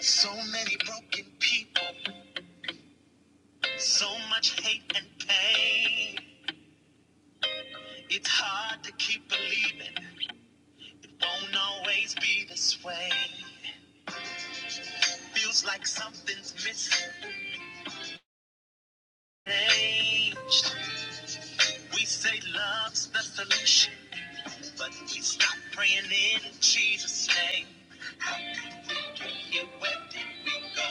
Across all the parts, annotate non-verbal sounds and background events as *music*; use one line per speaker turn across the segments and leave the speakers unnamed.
So many broken people, so much hate and pain. It's hard to keep believing it won't always be this way. Feels like something's mischanged. We say love's the solution, but we stop praying in Jesus' name. Yeah, where did we go?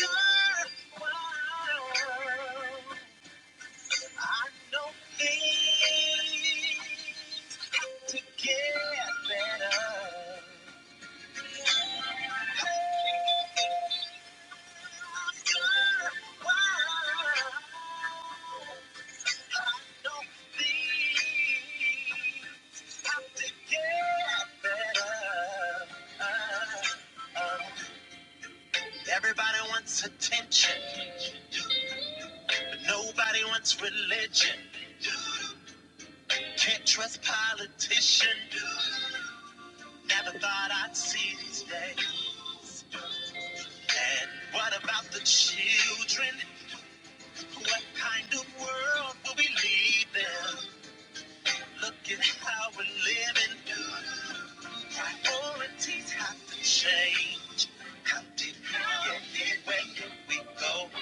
You're I know things have to get better. I Know things to get better. Uh, uh, Everybody wants attention, but nobody wants religion. Can't trust politicians. Never thought I'd see these days. And what about the children? What kind of world will we leave them? Look at how we're living. Priorities have to change. How did we get here? Where did we go?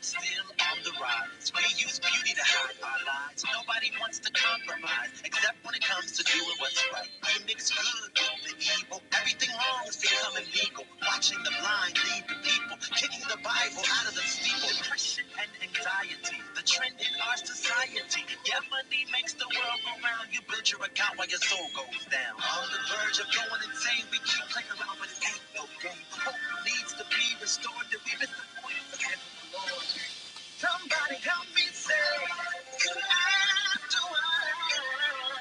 Still on the rise. We use beauty to hide our lies. Nobody wants to compromise, except when it comes to doing what's right. We mix good with the evil. Everything wrong is becoming legal. Watching the blind lead the people, kicking the Bible out of the steeple depression and anxiety. The trend in our society. Yeah, money makes the world go round. You build your account while your soul goes down. On the verge of going insane, we keep playing around, but it ain't no game. Hope needs to be restored. Did we miss the point? Forget the Lord. Somebody help me say, could I do I?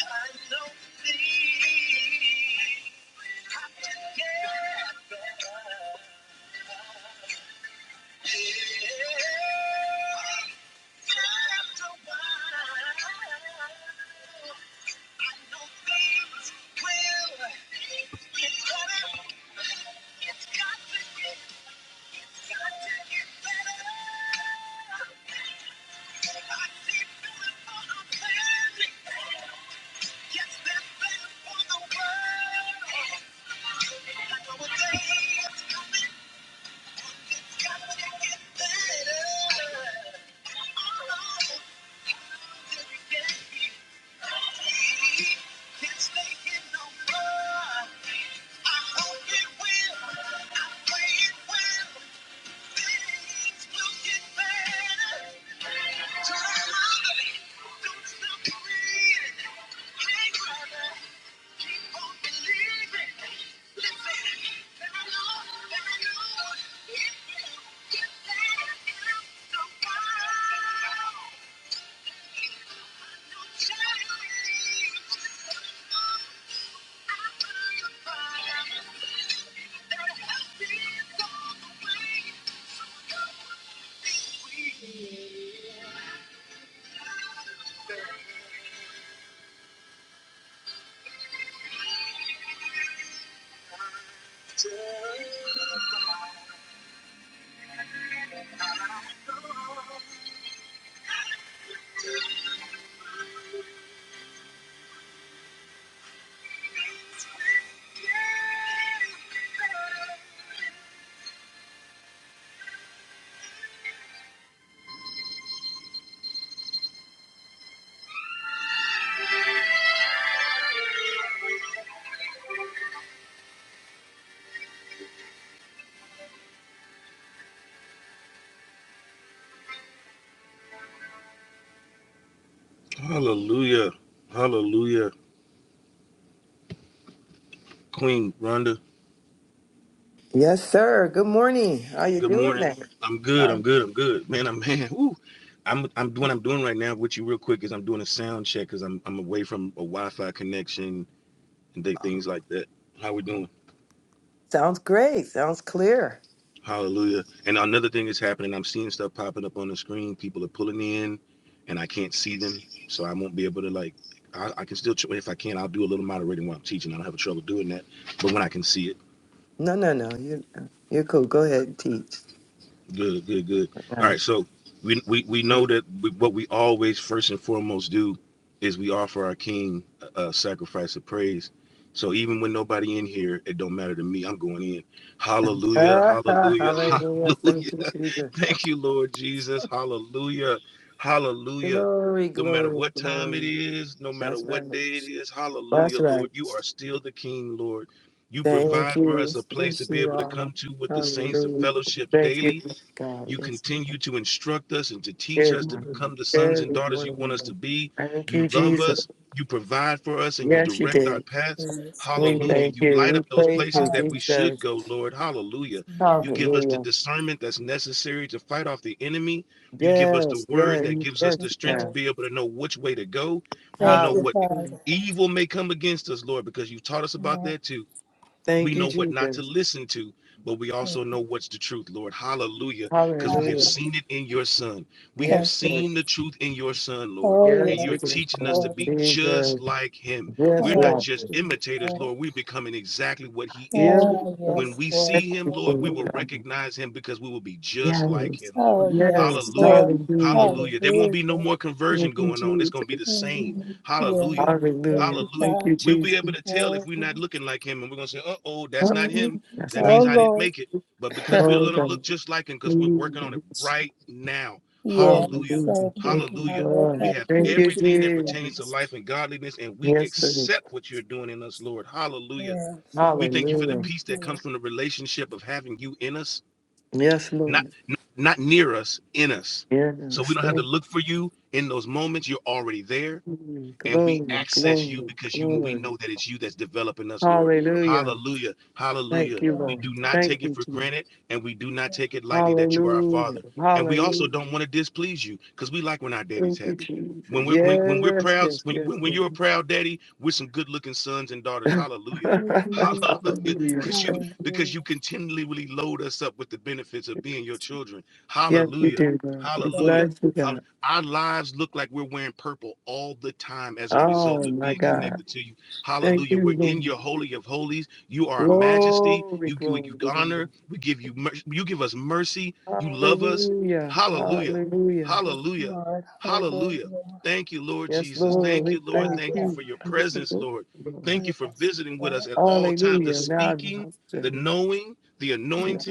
I know things have to get better. Yeah. Thank you. Turn around, don't stop believing. Hey, brother. Thank you. Hallelujah. Hallelujah. Queen Rhonda,
Yes, sir. Good morning. How you
good
doing,
morning.
man?
I'm good.
Uh,
I'm good. I'm good. Man, I'm *laughs* man. Ooh. I'm I'm what I'm doing right now with you real quick is I'm doing a sound check because I'm I'm away from a Wi-Fi connection and things like that. How we doing?
sounds great. Sounds clear.
Hallelujah. And another thing is happening. I'm seeing stuff popping up on the screen. People are pulling in, and I can't see them, so I won't be able to like. I, I can still, if I can, I'll do a little moderating while I'm teaching. I don't have a trouble doing that, but when I can see it.
No, no, no. You, you're cool. Go ahead and teach.
Good, good, good.
*laughs*
All
All
right, so we we, we
right.
know that we, what we always first and foremost do is we offer our King a, a sacrifice of praise. So even when nobody in here, it don't matter to me. I'm going in. Hallelujah,
Ah,
hallelujah, *laughs*
Hallelujah. Thank you,
hallelujah.
Jesus.
Thank you, Lord Jesus. Hallelujah, hallelujah.
Glory,
No matter
glory,
what time it
glory.
is, no matter
That's right.
what day it is,
That's
hallelujah, Lord.
right.
You are still the King, Lord. You
Thank
provide for us
you.
a place to
Yes,
be
you
able to
are.
come to with the saints to
Hallelujah.
fellowship
Thank
daily
you, God.
you
Yes. Lord.
continue to instruct us and to teach
Good
us to
morning.
become the sons and
Good
daughters you want us to
morning.
be.
Thank
You
you,
love
Jesus.
us, you provide for us, and you
Yes, you
direct our
did.
paths.
Praise
We
Hallelujah.
thank
You
you.
light
We
up those
praise
places
you,
God.
that we should
Jesus.
go, Lord. Hallelujah.
Yes,
You give us the
Hallelujah.
discernment that's necessary to fight off the enemy. You give us the
Yes,
word
yes,
that gives us
yes,
the strength to
yes.
Lord.
be able to know which way to go. We
Thank
know
you,
what
Hallelujah.
Father. Yes,
evil may come against us, Lord, because you taught us about
Lord.
that too we
Thank you,
know what not to
Jesus.
listen to, but we also know what's the truth, Lord. Hallelujah. Because we
Father,
have
Hallelujah.
seen it in your son. We have
Thank
Yes, Lord.
you.
seen the truth in your son, Lord.
Oh,
And
Yes, we
you're
yes,
can.
teaching us
Lord.
to
Lord.
be just
Jesus.
like him.
Yes,
We're not
Oh,
Lord.
just imitators,
Jesus.
Lord. We're becoming exactly what he
Yes.
is.
Oh,
Lord.
When
yes,
we
Lord.
Thank
see him,
you,
Thank
Lord, we
you.
will
Lord.
recognize him because we will be just like
Yes.
him, Lord.
Oh, yes,
Yes.
Hallelujah.
Lord.
Hallelujah.
Hallelujah. There won't be no
Hallelujah.
more conversion
Thank you,
going on. It's going to be the
Jesus.
Mm.
same. Hallelujah.
Yes. Thank
Hallelujah.
you,
Hallelujah.
Thank
Father.
you,
We'll be
Jesus.
able to tell
Oh,
if we're not looking like him, and we're gonna say, "Uh oh, that's
Oh,
not
mm.
him.
that's
That
not.
Oh,
it.
means I didn't
Lord.
make it." But because
*laughs*
we're
Oh,
gonna
God.
look just like him, because we're working on it right now.
Yes.
Hallelujah,
Hallelujah.
Thank you,
Thank you,
Hallelujah.
Father.
We
Lord.
Thank
have
you,
Thank you,
everything
Jesus.
that pertains to
Jesus.
life and godliness, and we
Yes, Lord.
accept what you're doing in us, Lord. Hallelujah.
Yes, Lord.
We thank you for the
Hallelujah.
Thank
peace that comes
you,
from the relationship of having you in us,
Yes,
not
Lord.
not near us, in us. So we
Yes.
don't have to
Thank
look for you in those moments. You're already there
you.
and we
Glory,
access you
glory,
because you we
glory.
know that it's you that's developing us, Lord.
Hallelujah.
Hallelujah.
Thank
Hallelujah.
you,
We do
Lord.
not
Lord.
Thank
take it
you,
for
Jesus.
granted and we do not take it lightly that you are our
Hallelujah.
father. And we also
Hallelujah.
don't want to displease you because we like when our daddy's
Thank you,
happy. When
Jesus.
we're when, when we're
Yes,
proud,
yes,
when,
yes,
when when you're a
yes.
proud daddy, we're some good looking sons and daughters. Hallelujah.
*laughs*
*laughs*
Hallelujah.
Hallelujah.
Hallelujah.
Because you
Thank
because you
Hallelujah.
continually load us up with the benefits of
you.
being your children.
Yes, we
Hallelujah.
do, God. We
Thank you,
Hallelujah
bless you, God.
our lives look like we're wearing purple all the time as a result
Oh,
of
my
being
God.
connected to you.
Thank
Hallelujah.
you,
We're in
Lord.
your holy of holies. You are a majesty.
Glory,
You give
glory,
you
glory.
honor. We give you you give us mercy. You love us.
Hallelujah.
Hallelujah.
Hallelujah.
Hallelujah.
Lord.
Hallelujah.
Hallelujah.
Thank you, Lord
Yes,
Jesus.
Thank you,
Lord,
Thank
we
you, Lord.
thank
Thank you
Father.
for
you.
your presence, Lord. Thank you for
Yes,
visiting with us
God.
at all times. The
Hallelujah. Now
speaking,
I'm
the
hosted.
knowing, the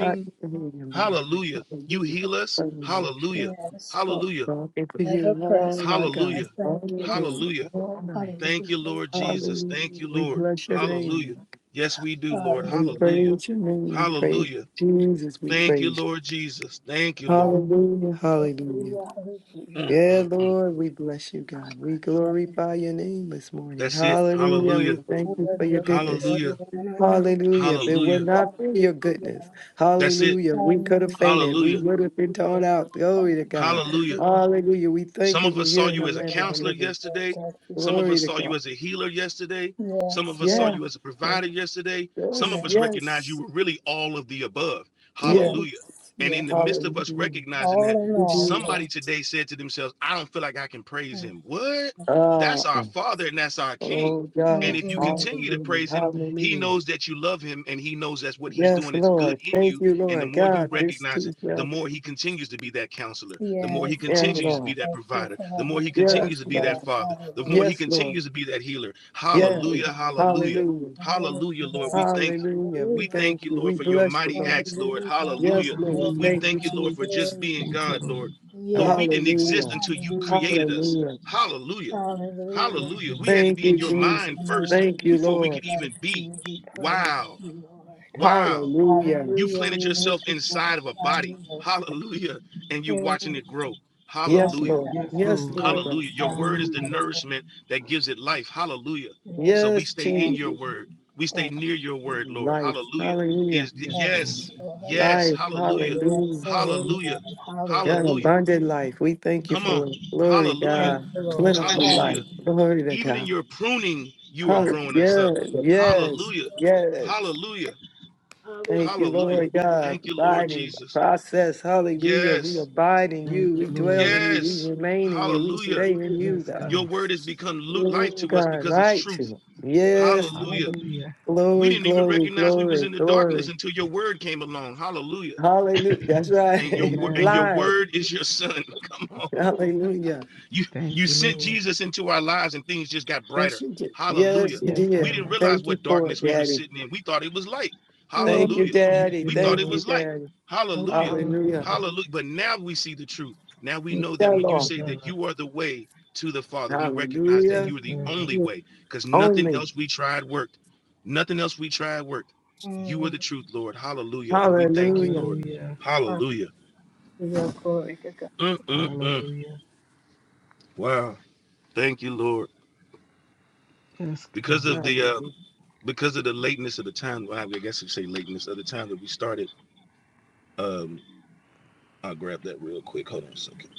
I can hear you, Lord.
Hallelujah. You
Hallelujah.
heal us.
Hallelujah.
Hallelujah.
Yes,
Hallelujah.
Talking to
forever
you
present.
all my
I
Hallelujah.
God,
thank
all
you.
day,
Hallelujah.
all night.
Thank you,
Hallelujah.
Lord Jesus.
Hallelujah.
Thank you,
We
Lord.
bless your
Hallelujah.
name.
Yes, we do, Lord.
We
Hallelujah.
Hallelujah.
praise your name. We praise
Hallelujah.
Jesus. We
Thank you,
praise.
Lord Jesus. Thank you, Lord.
Hallelujah.
Hallelujah.
Hallelujah.
Hallelujah.
Mm, mm,
Yeah,
mm.
Lord, we bless you, God. We
And
glorify your name this morning.
That's it.
Hallelujah.
Hallelujah.
We thank you for
worthy
your
of
goodness.
glory
Hallelujah.
and honor.
Hallelujah. If it were
Hallelujah.
not for your goodness,
Hallelujah.
That's it.
hallelujah, we could have
Hallelujah.
fainted. We
Hallelujah.
would have been torn out. Glory
God.
to God.
Hallelujah.
Hallelujah.
Hallelujah. We thank
Some
you.
of
We're
us
here
saw
in the
you as a
land of the
Lord,
counselor
living.
yesterday.
Thank you,
Some of
Father.
Glory
us
to
saw you
God.
as a healer yesterday. Some
Yes,
of us saw
Lord.
Yeah.
you as a provider
Hallelujah.
yesterday. Some
Yes.
of us
Yes.
recognized you
Yes.
were really all of the above.
Yes.
Yes.
Hallelujah. And
Yes.
in the midst of us
Hallelujah.
recognizing
All
that,
in all,
Jesus.
somebody
God.
today said to themselves, I don't feel like I can praise him. What?
Ah,
That's our Father and that's our King.
oh,
And
God.
Mm,
if you
mm,
continue to
Hallelujah.
praise him, he
Hallelujah.
knows that you love him and he knows that's what he's
Yes,
doing. It's good
Lord.
in you
Thank you,
and the
Lord
more you
God. This
recognize
too
it, the
shall
more
pass.
he continues to be that counselor, the more
Yes,
he
Yes,
God.
continues to
Lord.
be that
Thank you,
provider, the more he
Father. Yes,
Yes,
continues to be that
Lord.
God.
father, the more
Hallelujah.
he
Yes, Lord.
continues to be that healer.
Mm,
Yes.
Hallelujah,
mm,
hallelujah,
Hallelujah.
Hallelujah.
hallelujah, Lord. We thank you.
Hallelujah. We
We thank
thank
you,
you. We
Lord, for your
bless you,
mighty
Lord.
acts, Lord.
Hallelujah.
Yes,
Hallelujah.
Hallelujah.
Lord.
Yes,
We
Hallelujah.
Thank you,
thank you,
God.
Lord, for
Jesus.
just
Glory
being
Thank
to
you,
God,
God.
Lord.
Lord.
Lord,
Yes,
we didn't
God.
exist
Hallelujah.
until you
Hallelujah.
created us.
Hallelujah.
Hallelujah.
Thank
Hallelujah.
you,
Hallelujah. We
Lord.
had to
Thank
be
you,
in your
Thank
mind
you,
Jesus.
first
Lord.
Thank you,
before we
Lord.
could
Bless
even be.
you. We praise
Wow.
you, Lord.
Wow.
Hallelujah.
You
Hallelujah.
planted
We
yourself
lift and
inside of a
glorify
body.
you,
Hallelujah. And you're
Lord.
watching it grow.
My
Yes,
Hallelujah.
Lord.
Yes,
God,
Yes,
Lord.
Lord
mighty
God.
Hallelujah. Your
God,
word is the
Hallelujah.
hallelujah.
nourishment that gives it life. Hallelujah. So we
Yes,
stay
Lord,
in your
Jesus.
word. We stay
Thank
near your
you,
word, Lord.
Life.
Hallelujah.
Hallelujah.
Is
Yes,
thank
Lord.
you,
yes.
Lord.
Yes.
Life.
Hallelujah.
Yes
Hallelujah.
and
Hallelujah.
amen.
God,
Hallelujah.
Hallelujah.
abundant life. We thank you
Come
for
on.
it. Glory,
Hallelujah.
Thank
God.
you, Lord.
Thank you,
Plentiful
Lord.
life.
Hallelujah.
Glory to
Even in
God.
your pruning, you are
Hallelujah.
growing us up.
Yes. Yes.
Hallelujah.
yes.
Hallelujah.
Hallelujah.
Thank you,
Hallelujah.
Lord God.
Thank you, Lord
Abiding
Jesus.
process. Hallelujah. We
Yes.
abide in you.
Thank you,
We dwell
Lord.
in you.
Yes.
We remain in you. We
Hallelujah.
stay in you,
Yes,
God.
Your
God.
word has become life
Oh,
to us
God.
because it's
Right to
truth.
Yes.
Hallelujah.
Hallelujah.
We
Glory,
didn't even
glory,
recognize we was
glory,
in the darkness
glory.
until your word came along. Hallelujah.
Hallelujah. That's
And your
right.
word
*laughs*
and
Amen.
your
Blind.
word is your *laughs* son. Come on.
Hallelujah.
You you
Thank you,
sent
Lord.
Jesus into our lives and things just got
Yes,
brighter.
you did. Yes,
Hallelujah.
you
Yes,
We
did.
didn't
God.
realize
Thank you
what
for it,
darkness we were
Daddy.
sitting in. We thought it was light.
Hallelujah.
Thank you,
Hallelujah.
Thank
Daddy.
you,
We thought
Thank
it
Lord.
you,
was light.
Daddy.
Mm,
Hallelujah.
Hallelujah.
Hallelujah.
Hallelujah. But now we see the truth. Now we
Thank
know
Yeah,
that when
Thank
you
Lord.
you,
say that
God.
you are the way to the Father, we recognize that
Yes,
Hallelujah.
you are the
God.
only
you,
way because
Jesus.
nothing
Only.
else we tried worked. Nothing else we tried worked. You are
Mm, Mm,
the truth, Lord. Hallelujah. And we thank you,
Hallelujah.
Lord.
Hallelujah.
Father,
Hallelujah.
your glory to God.
Mm, mm, mm.
Hallelujah.
Wow. Thank you, Lord.
Yes,
because
God.
of the uh,
Hallelujah.
because of the lateness of the time. Well, I guess you say lateness of the time that we started. Um, I'll grab that real quick. Hold on a second.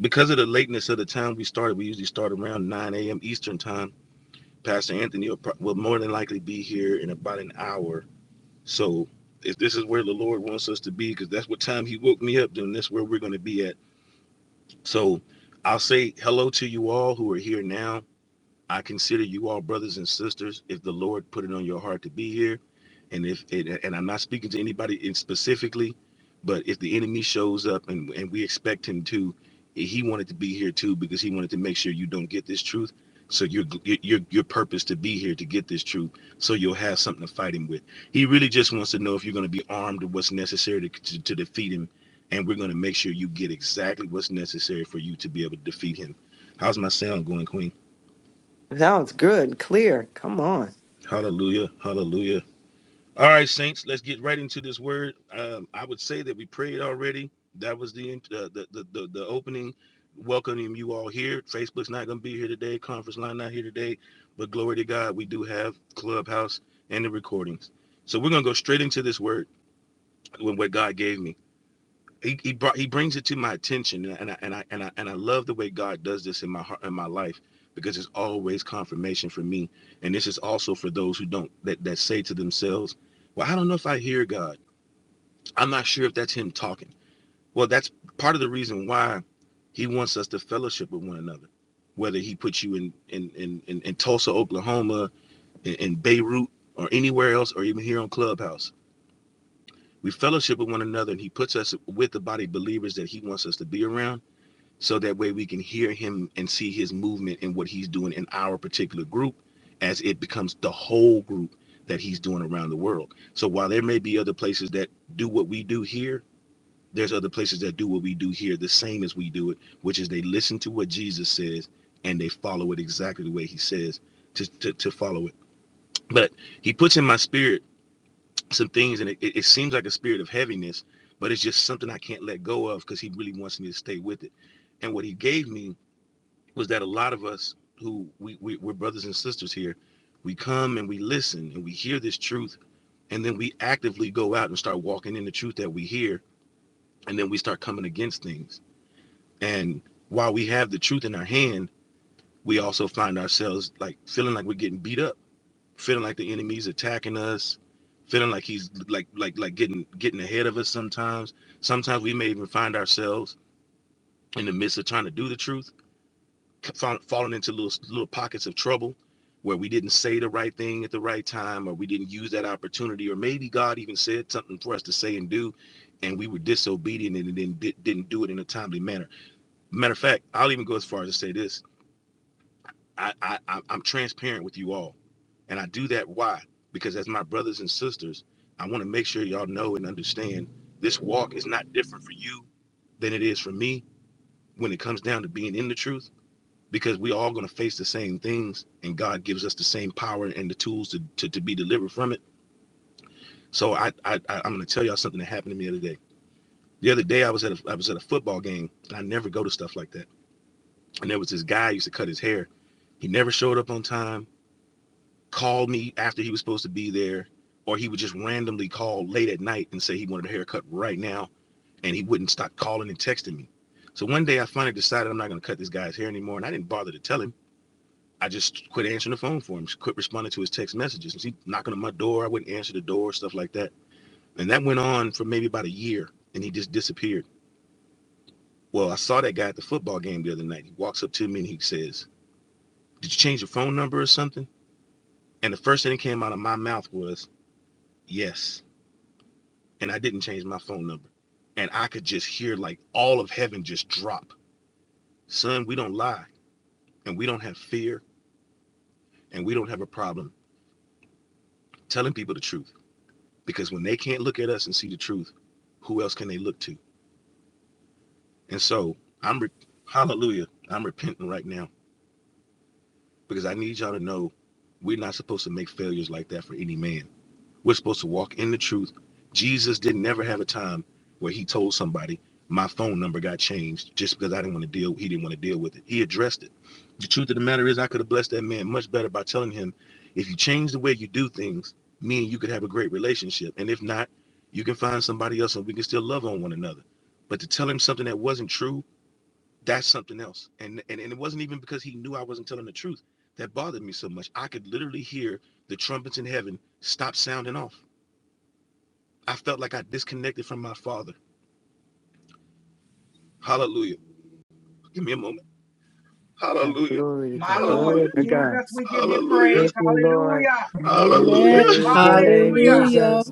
Because of the lateness of the time we started, we usually start around 9 a.m. Eastern time. Pastor Anthony will, pro- will more than likely be here in about an hour. So if this is where the Lord wants us to be, because that's what time He woke me up, then that's where we're going to be at. So I'll say hello to you all who are here now I consider you all brothers and sisters if the Lord put it on your heart to be here. And if and and I'm not speaking to anybody in specifically, but if the enemy shows up and, and we expect him to, he wanted to be here too because he wanted to make sure you don't get this truth. So your your your purpose to be here to get this truth, so you'll have something to fight him with. He really just wants to know if you're going to be armed with what's necessary to, to, to defeat him, and we're going to make sure you get exactly what's necessary for you to be able to defeat him. How's my sound going, Queen?
Sounds good. Clear. Come on.
Hallelujah. Hallelujah. All right, saints, let's get right into this word. Um, I would say that we prayed already. That was the uh, the, the the the opening, welcoming you all here. Facebook's not going to be here today. Conference line not here today, but glory to God, we do have Clubhouse and the recordings. So we're going to go straight into this word with what God gave me he, he brought he brings it to my attention and I, and I and I and I love the way God does this in my heart in my life because it's always confirmation for me and this is also for those who don't that, that say to themselves well I don't know if I hear God I'm not sure if that's him talking well that's part of the reason why he wants us to fellowship with one another whether he puts you in in in, in, in Tulsa Oklahoma in, in Beirut or anywhere else or even here on Clubhouse we fellowship with one another and he puts us with the body of believers that he wants us to be around so that way we can hear him and see his movement and what he's doing in our particular group as it becomes the whole group that he's doing around the world. So while there may be other places that do what we do here, there's other places that do what we do here the same as we do it, which is they listen to what Jesus says and they follow it exactly the way he says to, to, to follow it. But he puts in my spirit some things and it, it it seems like a spirit of heaviness, but it's just something I can't let go of because he really wants me to stay with it. And what he gave me was that a lot of us who we, we we're brothers and sisters here, we come and we listen and we hear this truth, and then we actively go out and start walking in the truth that we hear, and then we start coming against things. And while we have the truth in our hand, we also find ourselves like feeling like we're getting beat up, feeling like the enemy's attacking us, feeling like he's like like like getting getting ahead of us sometimes. Sometimes we may even find ourselves in the midst of trying to do the truth found, falling into little little pockets of trouble where we didn't say the right thing at the right time or we didn't use that opportunity or maybe god even said something for us to say and do and we were disobedient and then di- didn't do it in a timely manner matter of fact i'll even go as far as to say this i i I'm transparent with you all and i do that why because as my brothers and sisters i want to make sure y'all know and understand this walk is not different for you than it is for me when it comes down to being in the truth because we all going to face the same things and god gives us the same power and the tools to, to, to be delivered from it so i, I I- i'm going to tell y'all something that happened to me the other day the other day i was at a, i was at a football game and i never go to stuff like that and there was this guy who used to cut his hair he never showed up on time called me after he was supposed to be there or he would just randomly call late at night and say he wanted a haircut right now and he wouldn't stop calling and texting me so one day i finally decided i'm not going to cut this guy's hair anymore and i didn't bother to tell him I just quit answering the phone for him, quit responding to his text messages. He knocking on my door, I wouldn't answer the door, stuff like that. And that went on for maybe about a year, and he just disappeared. Well, I saw that guy at the football game the other night. He walks up to me and he says, "Did you change your phone number or something?" And the first thing that came out of my mouth was, "Yes." And I didn't change my phone number. And I could just hear like all of heaven just drop. Son, we don't lie, and we don't have fear, and we don't have a problem telling people the truth because when they can't look at us and see the truth, who else can they look to? And so I'm, re- hallelujah, I'm repenting right now because I need y'all to know we're not supposed to make failures like that for any man. We're supposed to walk in the truth. Jesus didn't never have a time where he told somebody, my phone number got changed just because I didn't want to deal, he didn't want to deal with it. He addressed it. The truth of the matter is I could have blessed that man much better by telling him, if you change the way you do things, me and you could have a great relationship. And if not, you can find somebody else and we can still love on one another. But to tell him something that wasn't true, that's something else. And and, and it wasn't even because he knew I wasn't telling the truth that bothered me so much. I could literally hear the trumpets in heaven stop sounding off I felt like I disconnected from my father. Hallelujah. Give me a moment.
Oh,
Hallelujah.
glory to
My
God.
Lord,
Glory
Hallelujah.
to God.
Jesus, we give you
Hallelujah.
praise.
Thank you, Lord.
Hallelujah.
We
Amen.
Hallelujah.
praise your name,
Hallelujah.
Hallelujah.
Jesus.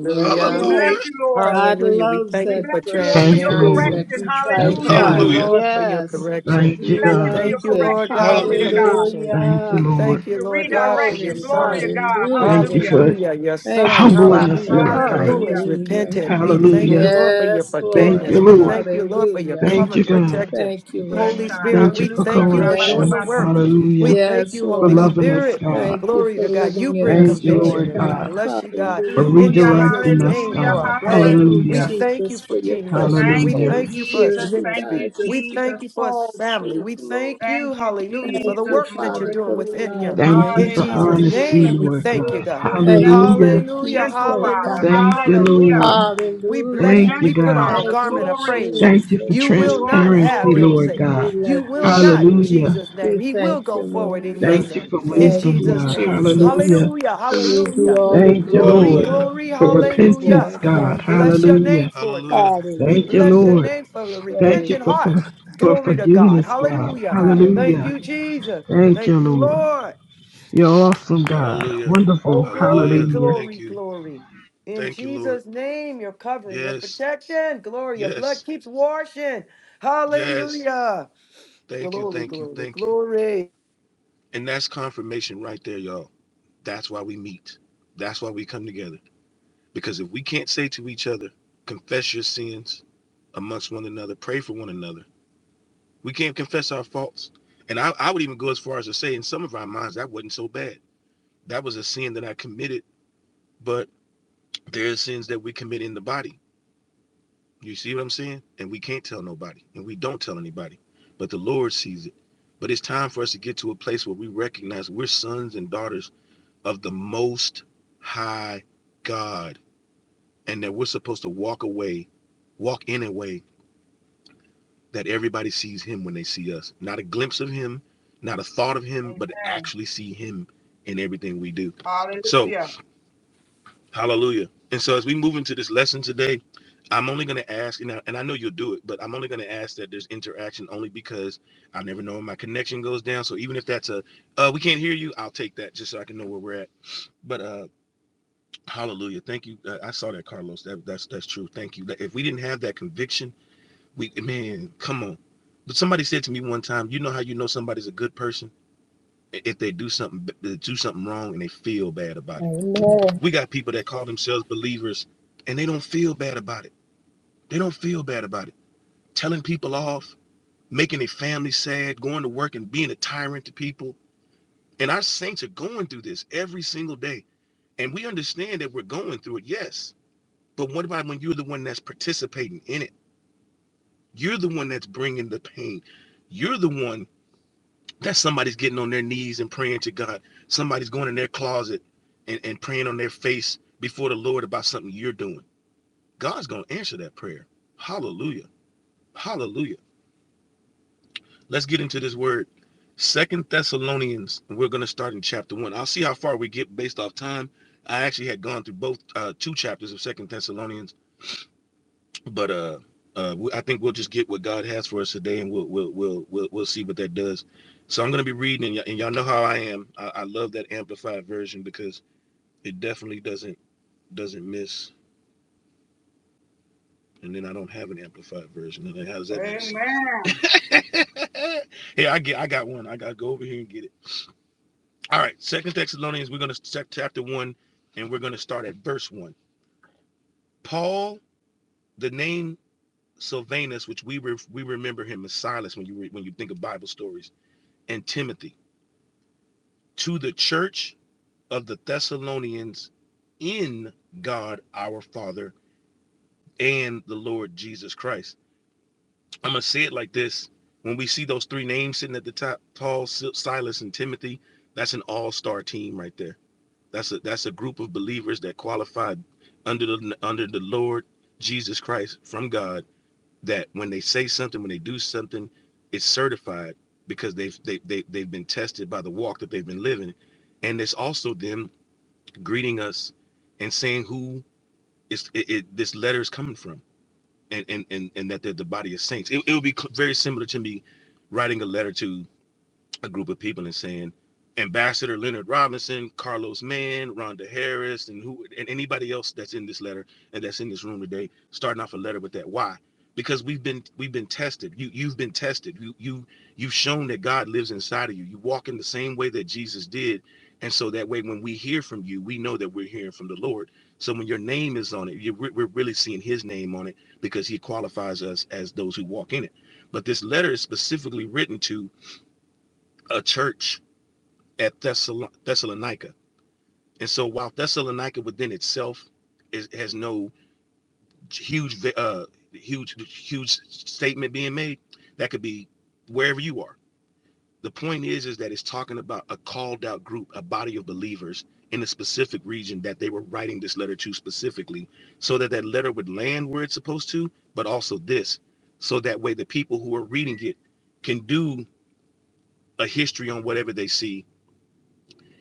That's
We bless
Hallelujah.
right.
you, Lord.
God
Hallelujah. We
loves
thank
We
you
that
for
bless you, Lord,
broken
for
Thank
your
you,
spirit,
Lord.
transparency.
that
correction.
We
contrite
Thank you,
thank
Hallelujah.
you,
heart.
God.
Hallelujah.
Lord, for your
Yes,
correction.
We
Thank you,
He
bless
We
you for
God.
thank
your
loves
you,
it.
Lord
correction.
God, for
Glory to
Hallelujah.
God.
conviction.
Thank you,
We
Hallelujah.
Lord.
thank you,
Your
Lord God, for your
redirection.
Glory.
Glory to
son.
God.
Thank
Hallelujah.
you
Hallelujah.
for
Hallelujah, your
Thank
son,
you,
humbling us,
hallelujah,
Father.
Lord God.
who
Hallelujah.
is
Hallelujah.
repentant. We thank you,
Hallelujah.
Lord, for your
Yes,
Thank
Lord.
you,
forgiveness. We
Lord.
thank you, Lord, for your
Hallelujah.
Thank you,
covering
God.
protection.
Thank you,
Holy
Lord.
Brasha.
Spirit,
Thank you
we
for
Hallelujah.
thank you for doing the
correction.
Yes.
Rabakabasi.
work. We
Hallelujah.
thank
Yes,
you,
For
Holy
Lord.
loving us,
Spirit.
God.
Thank you
Glory
for
to God. You
living in
bring
us,
Thank you,
Lord
conviction,
Lord
and we
God,
God.
bless you, God,
for
Hallelujah.
in
Hallelujah.
Thank
Jesus'
you.
redirecting us,
name
Hallelujah.
for
God.
our brother.
Thank you,
We
Hallelujah.
Hallelujah.
thank you
Jesus,
for
for your
King Nate.
precious
Thank
We
you,
Hallelujah.
Holy
thank you for his
Spirit
Jesus.
who
Thank
ministry.
you,
guides
We
us
thank
Jesus.
throughout
you for his
all
family.
truth,
We
Lord.
thank
Thank
you,
you,
hallelujah, for the
Thank
Jesus,
you,
work that you're
Lord.
Father,
doing
for the
within
love,
him.
Thank you
In
Lord.
for
Jesus'
Hallelujah. You're
honesty,
name,
such
we
Hallelujah.
a
Lord
thank you,
good,
God.
God.
good,
Thank you
gentle,
for
Hallelujah.
your
Hallelujah,
peace,
gentle
oh
Father.
God.
hallelujah,
Thank you,
Hallelujah.
hallelujah.
Lord.
We
You're a
bless
Hallelujah.
you.
Thank
We
you,
gentle
put
God.
on the
Father.
Thank
garment
you,
of
Glory,
praise.
Thank
Jesus,
you for
You will not
glory,
Jesus,
have
transparency,
glory.
him,
Jesus.
Lord
Satan.
We
God.
You
love
will
you, Lord.
not in
Hallelujah.
Jesus' name.
We
He will
thank
go
you,
forward in
Lord.
your
Thank you
name,
for
in
Thank
wisdom,
you,
Jesus'
God.
name.
Hallelujah.
Jesus.
Hallelujah.
To you be
Hallelujah.
all the
Thank you,
Glory,
glory,
Lord,
Hallelujah.
honor,
glory,
and
for
praise,
hallelujah.
repentance,
Lord.
God.
We
Thank you.
bless your name
Hallelujah.
for it, God.
Hallelujah.
We
Thank
Hallelujah.
you,
bless your
Lord.
name for the
Thank
Glory
you
repentant
for,
heart.
for, for
Glory to God.
forgiveness, God.
Hallelujah. Thank
Hallelujah.
you,
Hallelujah.
Jesus.
Thank
Thank
you,
you,
Lord.
Lord.
You're awesome, God.
Hallelujah.
Wonderful.
Oh, glory,
Hallelujah.
Hallelujah.
Thank
glory,
you.
glory. In
Thank you, Lord.
Jesus' name, your covering, your
Yes.
protection, glory, your blood
Yes.
keeps washing.
Yes.
Hallelujah.
Thank you.
Glory,
Thank you.
glory,
Thank you.
glory.
And that's confirmation right there, y'all. That's why we meet. That's why we come together. Because if we can't say to each other, confess your sins amongst one another, pray for one another, we can't confess our faults. And I, I would even go as far as to say, in some of our minds, that wasn't so bad. That was a sin that I committed, but there are sins that we commit in the body. You see what I'm saying? And we can't tell nobody, and we don't tell anybody, but the Lord sees it. But it's time for us to get to a place where we recognize we're sons and daughters of the Most High God, and that we're supposed to walk away, walk in a way that everybody sees him when they see us. Not a glimpse of him, not a thought of him, but to
Amen.
actually see him in everything we do. So,
Hallelujah.
hallelujah. And so, as we move into this lesson today, I'm only going to ask, and I, and I know you'll do it, but I'm only going to ask that there's interaction only because I never know when my connection goes down. So, even if that's a, uh, we can't hear you, I'll take that just so I can know where we're at. But uh, hallelujah. Thank you. Uh, I saw that, Carlos. That, that's that's true. Thank you. If we didn't have that conviction, we man, come on. But somebody said to me one time, you know how you know somebody's a good person if they do something they do something wrong and they feel bad about it.
Amen.
We got people that call themselves believers and they don't feel bad about it. They don't feel bad about it. Telling people off, making their family sad, going to work and being a tyrant to people. And our saints are going through this every single day. And we understand that we're going through it, yes. But what about when you're the one that's participating in it? You're the one that's bringing the pain. You're the one That's somebody's getting on their knees and praying to God. Somebody's going in their closet and, and praying on their face before the Lord about something you're doing. God's going to answer that prayer. Hallelujah. Hallelujah. Let's get into this word. Second Thessalonians, and we're going to start in chapter one. I'll see how far we get based off time. I actually had gone through both uh, two chapters of Second Thessalonians But uh, uh, I think we'll just get what God has for us today, and we'll we'll we'll we'll, we'll see what that does. So I'm gonna be reading, and, y- and y'all know how I am. I, I love that amplified version because it definitely doesn't doesn't miss. And then I don't have an amplified version. And then how does that make sense?
Amen.
*laughs* hey, I get I got one. I gotta go over here and get it. All right, Second Thessalonians, we're gonna check chapter one, and we're gonna start at verse one. Paul, the name Sylvanus, which we re- we remember him as Silas when you re- when you think of Bible stories and Timothy to the church of the Thessalonians in God our Father and the Lord Jesus Christ. I'm going to say it like this. When we see those three names sitting at the top, Paul, Si-, Silas, and Timothy, that's an all-star team right there. That's a that's a group of believers that qualified under the under the Lord Jesus Christ from God that when they say something, when they do something, it's certified because they've they, they they've been tested by the walk that they've been living, and it's also them greeting us and saying who is it, it, this letter is coming from, and and and and that they're the body of saints. It, it would be cl- very similar to me writing a letter to a group of people and saying Ambassador Leonard Robinson, Carlos Mann, Rhonda Harris, and who and anybody else that's in this letter and that's in this room today, starting off a letter with that. Why? Because we've been we've been tested. You you've been tested. You you you've shown that God lives inside of you. You walk in the same way that Jesus did. And so that way, when we hear from you, we know that we're hearing from the Lord. So when your name is on it, you, we're we're really seeing His name on it because He qualifies us as those who walk in it. But this letter is specifically written to a church at Thessala- Thessalonica. And so while Thessalonica within itself is, has no huge, uh, huge, huge statement being made, that could be wherever you are. The point is, is that it's talking about a called out group, a body of believers in a specific region that they were writing this letter to specifically, so that that letter would land where it's supposed to, but also this, so that way the people who are reading it can do a history on whatever they see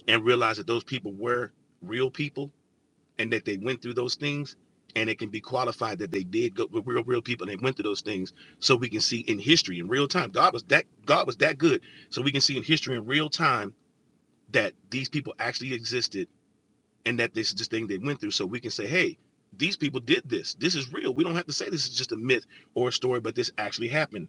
and realize that those people were real people and that they went through those things and it can be qualified that they did go with real real people and they went through those things so we can see in history in real time god was that god was that good so we can see in history in real time that these people actually existed and that this is this thing they went through so we can say hey these people did this this is real we don't have to say this is just a myth or a story but this actually happened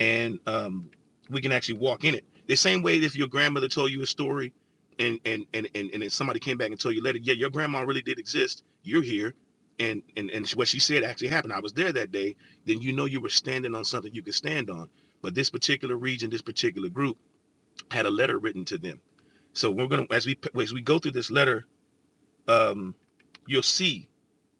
and um, we can actually walk in it. The same way if your grandmother told you a story, and and and and, and then somebody came back and told you later, yeah, your grandma really did exist. You're here, and and and what she said actually happened. I was there that day. Then you know you were standing on something you could stand on. But this particular region, this particular group, had a letter written to them. So we're gonna as we as we go through this letter, um, you'll see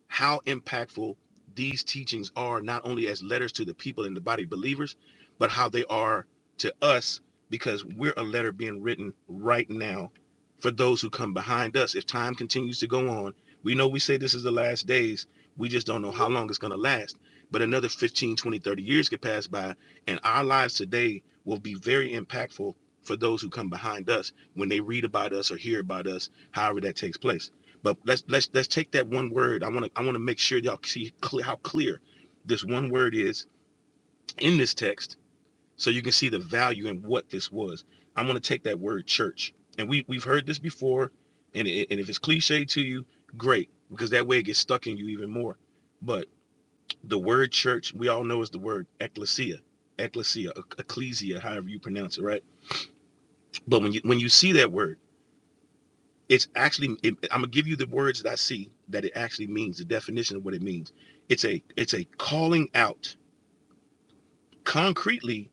how impactful these teachings are, not only as letters to the people in the body of believers, but how they are to us, because we're a letter being written right now for those who come behind us. If time continues to go on, we know we say this is the last days, we just don't know how long it's going to last. But another 15, 20, 30 years could pass by, and our lives today will be very impactful for those who come behind us when they read about us or hear about us, however that takes place. But let's let's let's take that one word. I want to I want to make sure y'all see clear how clear this one word is in this text, so you can see the value and what this was. I'm going to take that word church, and we we've heard this before, and it, and if it's cliche to you, great, because that way it gets stuck in you even more. But the word church, we all know is the word ecclesia, ecclesia, ecclesia, however you pronounce it, right? But when you when you see that word It's actually it, I'm gonna give you the words that I see that it actually means, the definition of what it means. It's a it's a calling out, concretely,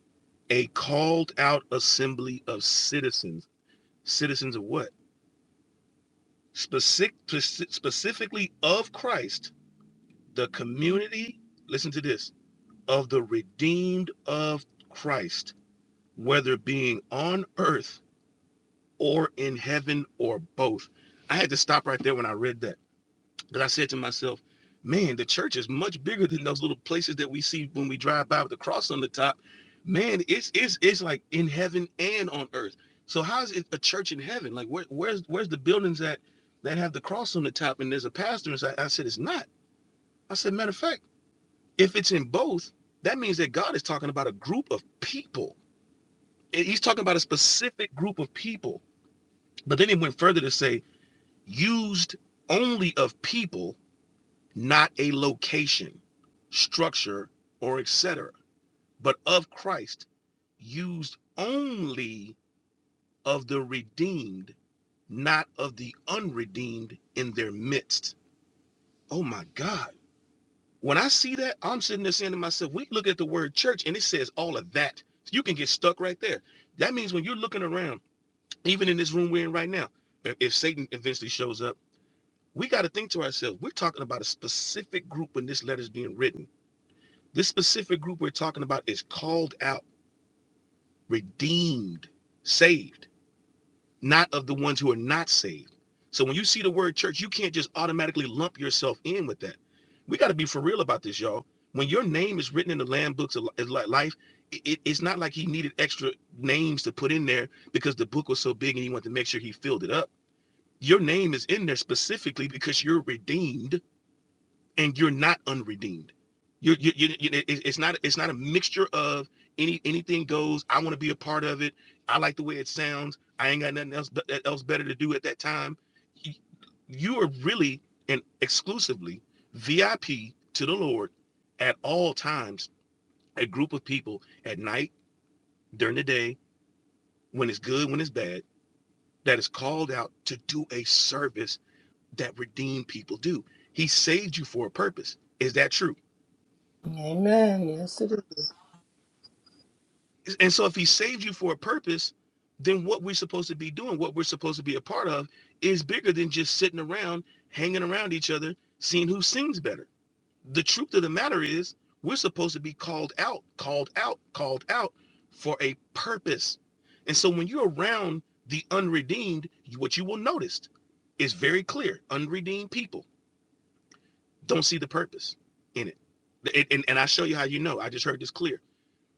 a called out assembly of citizens. Citizens of what? Specific, specifically of Christ, the community. Listen to this of the redeemed of Christ, whether being on earth or in heaven or both. I had to stop right there when I read that But I said to myself, man, the church is much bigger than those little places that we see when we drive by with the cross on the top. Man, it's it's it's like in heaven and on earth. So how's it a church in heaven? Like where, where's where's the buildings that that have the cross on the top and there's a pastor? And so I, I said it's not. I said matter of fact, if it's in both, that means that God is talking about a group of people. He's talking about a specific group of people. But then he went further to say used only of people not a location, structure, or et cetera, but of Christ, used only of the redeemed, not of the unredeemed in their midst. Oh my God. When I see that, I'm sitting there saying to myself, we look at the word church and it says all of that. You can get stuck right there. That means when you're looking around, even in this room we're in right now, if Satan eventually shows up, we got to think to ourselves, we're talking about a specific group when this letter is being written This specific group we're talking about is called out, redeemed, saved, not of the ones who are not saved. So when you see the word church, you can't just automatically lump yourself in with that. We got to be for real about this, y'all. When your name is written in the Lamb books of life, it- it's not like he needed extra names to put in there because the book was so big and he wanted to make sure he filled it up. Your name is in there specifically because you're redeemed and you're not unredeemed. You, you, you, you it- it's not it's not a mixture of any anything goes. I want to be a part of it. I like the way it sounds. I ain't got nothing else be- else better to do at that time. you are really and exclusively VIP to the Lord at all times. A group of people at night, during the day, when it's good, when it's bad, that is called out to do a service that redeemed people do. He saved you for a purpose. Is that true?
Amen. Yes, it
And so if he saved you for a purpose, then what we're supposed to be doing, what we're supposed to be a part of, is bigger than just sitting around, hanging around each other, seeing who sings better. The truth of the matter is, we're supposed to be called out, called out, called out for a purpose. And so when you're around the unredeemed, what you will notice is very clear unredeemed people don't see the purpose in it. And, and, and I show you how you know. I just heard this clear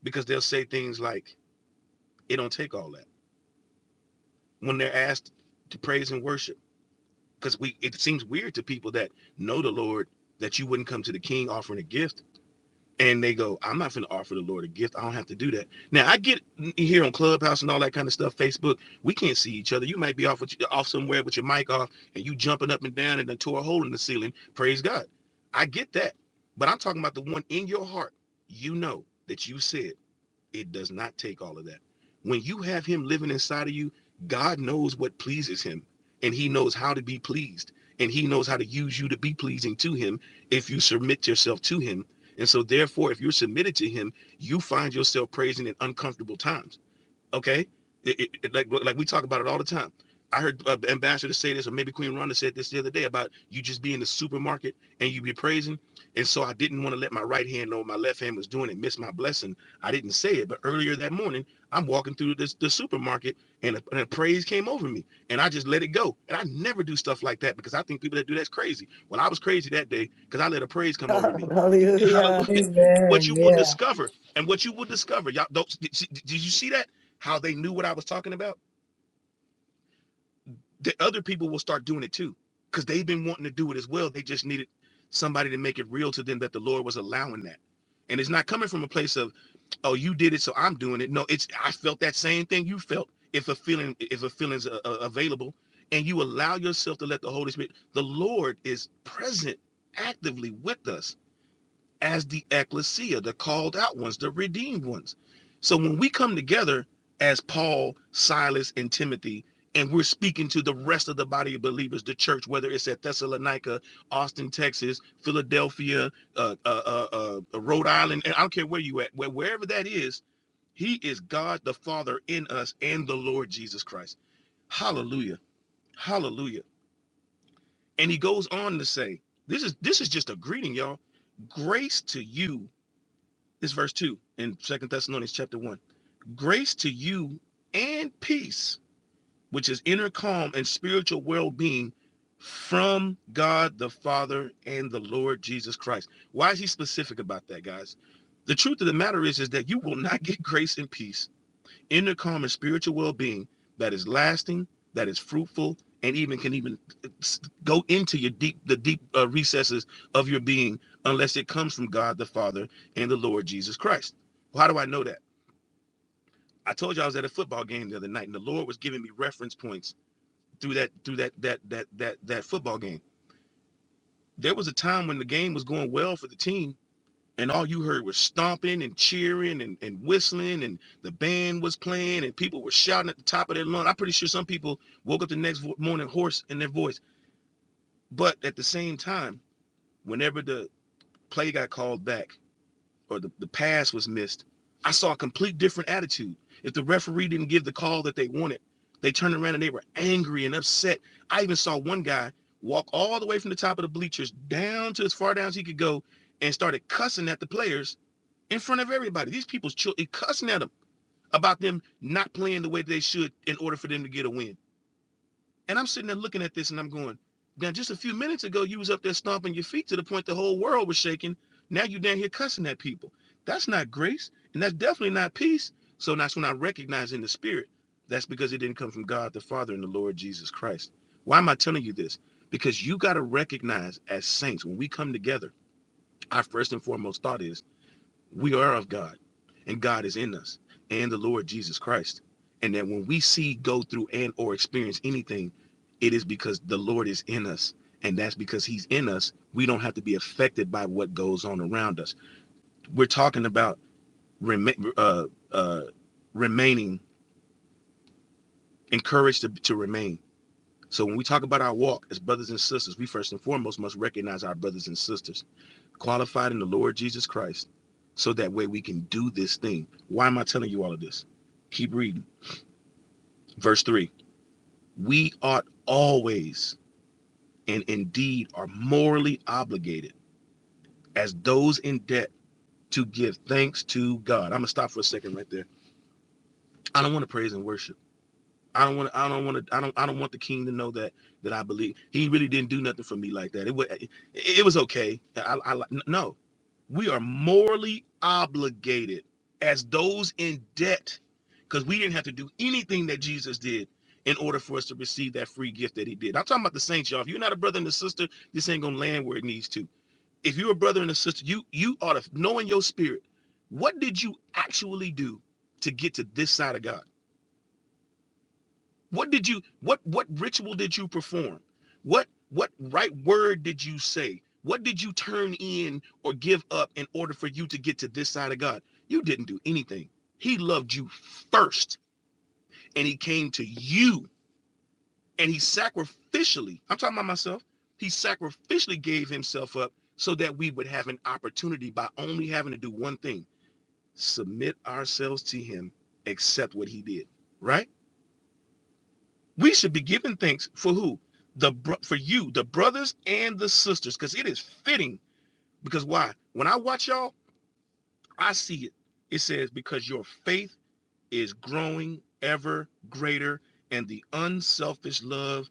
because they'll say things like, it don't take all that when they're asked to praise and worship because we it seems weird to people that know the lord that you wouldn't come to the king offering a gift and they go i'm not going to offer the lord a gift i don't have to do that now i get here on clubhouse and all that kind of stuff facebook we can't see each other you might be off with, off somewhere with your mic off and you jumping up and down and then tore a hole in the ceiling praise god i get that but i'm talking about the one in your heart you know that you said it does not take all of that. When you have him living inside of you, God knows what pleases him and he knows how to be pleased and he knows how to use you to be pleasing to him if you submit yourself to him. And so therefore, if you're submitted to him, you find yourself praising in uncomfortable times Okay, It- it- it- like like we talk about it all the time. I heard uh, ambassador say this, or maybe Queen Ronda said this the other day about you just be in the supermarket and you be praising. And so I didn't want to let my right hand know what my left hand was doing and miss my blessing. I didn't say it, but earlier that morning I'm walking through this the supermarket and a, and a praise came over me, and I just let it go. And I never do stuff like that because I think people that do that's crazy. Well, I was crazy that day because I let a praise
*laughs*
come over me
Hallelujah.
Hallelujah.
is.
What you
Amen.
will
Yeah.
discover, and what you will discover, y'all don't did, you see that? How they knew what I was talking about? The other people will start doing it too. Because they've been wanting to do it as well. They just needed somebody to make it real to them that the Lord was allowing that. And it's not coming from a place of, oh, you did it, so I'm doing it. No, it's I felt that same thing you felt if a feeling, if a feeling's uh, uh, available, and you allow yourself to let the Holy Spirit, the Lord is present actively with us as the ecclesia, the called out ones, the redeemed ones. So when we come together as Paul, Silas, and Timothy, and we're speaking to the rest of the body of believers, the church, whether it's at Thessalonica, Austin, Texas, Philadelphia, uh, uh, uh, uh, Rhode Island, and I don't care where you at, where, wherever that is, He is God the Father in us and the Lord Jesus Christ. Hallelujah, Hallelujah. And he goes on to say, "This is this is just a greeting, y'all. Grace to you this verse 2 in Second Thessalonians chapter 1. Grace to you and peace, which is inner calm and spiritual well-being from God the Father and the Lord Jesus Christ. Why is he specific about that, guys? The truth of the matter is, is that you will not *laughs* get grace and peace inner calm and spiritual well-being that is lasting, that is fruitful, and even can even go into your deep the deep uh, recesses of your being unless it comes from God the Father and the Lord Jesus Christ. Well, How do I know that? I told you I was at a football game the other night, and the Lord was giving me reference points through that through that that that that that football game. There was a time when the game was going well for the team, and all you heard was stomping and cheering and, and whistling and the band was playing and people were shouting at the top of their lungs. I'm pretty sure some people woke up the next morning hoarse in their voice. But at the same time, whenever the play got called back or the, the pass was missed, I saw a complete different attitude. If the referee didn't give the call that they wanted, they turned around and they were angry and upset. I even saw one guy walk all the way from the top of the bleachers down to as far down as he could go and started cussing at the players in front of everybody. These people's children cussing at them about them not playing the way they should in order for them to get a win. And I'm sitting there looking at this and I'm going, now just a few minutes ago you was up there stomping your feet to the point the whole world was shaking. Now you down here cussing at people. That's not grace, and that's definitely not peace. So that's when I recognize in the spirit. That's because it didn't come from God the Father and the Lord Jesus Christ. Why am I telling you this? Because you got to recognize as saints, when we come together, our first and foremost thought is we are of God, and God is in us, and the Lord Jesus Christ. And that when we see, go through, and or experience anything, it is because the Lord is in us. And that's because he's in us. We don't have to be affected by what goes on around us. We're talking about rema- uh, uh, remaining, encouraged to, to remain. So when we talk about our walk as brothers and sisters, we first and foremost must recognize our brothers and sisters qualified in the Lord Jesus Christ, so that way we can do this thing. Why am I telling you all of this? Keep reading. Verse 3 We ought always and indeed are morally obligated as those in debt to give thanks to God. I'm going to stop for a second right there. I don't want to praise and worship. I don't want. to, I don't want to. I don't. I don't want the king to know that that I believe he really didn't do nothing for me like that. It was. It, it was okay. I, I. No, we are morally obligated as those in debt because we didn't have to do anything that Jesus did in order for us to receive that free gift that he did. I'm talking about the saints, y'all. If you're not a brother and a sister, this ain't gonna land where it needs to. If you're a brother and a sister, you you ought to know in your spirit what did you actually do to get to this side of God what did you what what ritual did you perform? What what right word did you say? What did you turn in or give up in order for you to get to this side of God? You didn't do anything. He loved you first and he came to you and he sacrificially, I'm talking about myself, he sacrificially gave himself up so that we would have an opportunity by only having to do one thing, submit ourselves to him, accept what he did, right? We should be giving thanks for who? The for you, the brothers and the sisters, because it is fitting. Because why? When I watch y'all, I see it. It says, because your faith is growing ever greater, and the unselfish love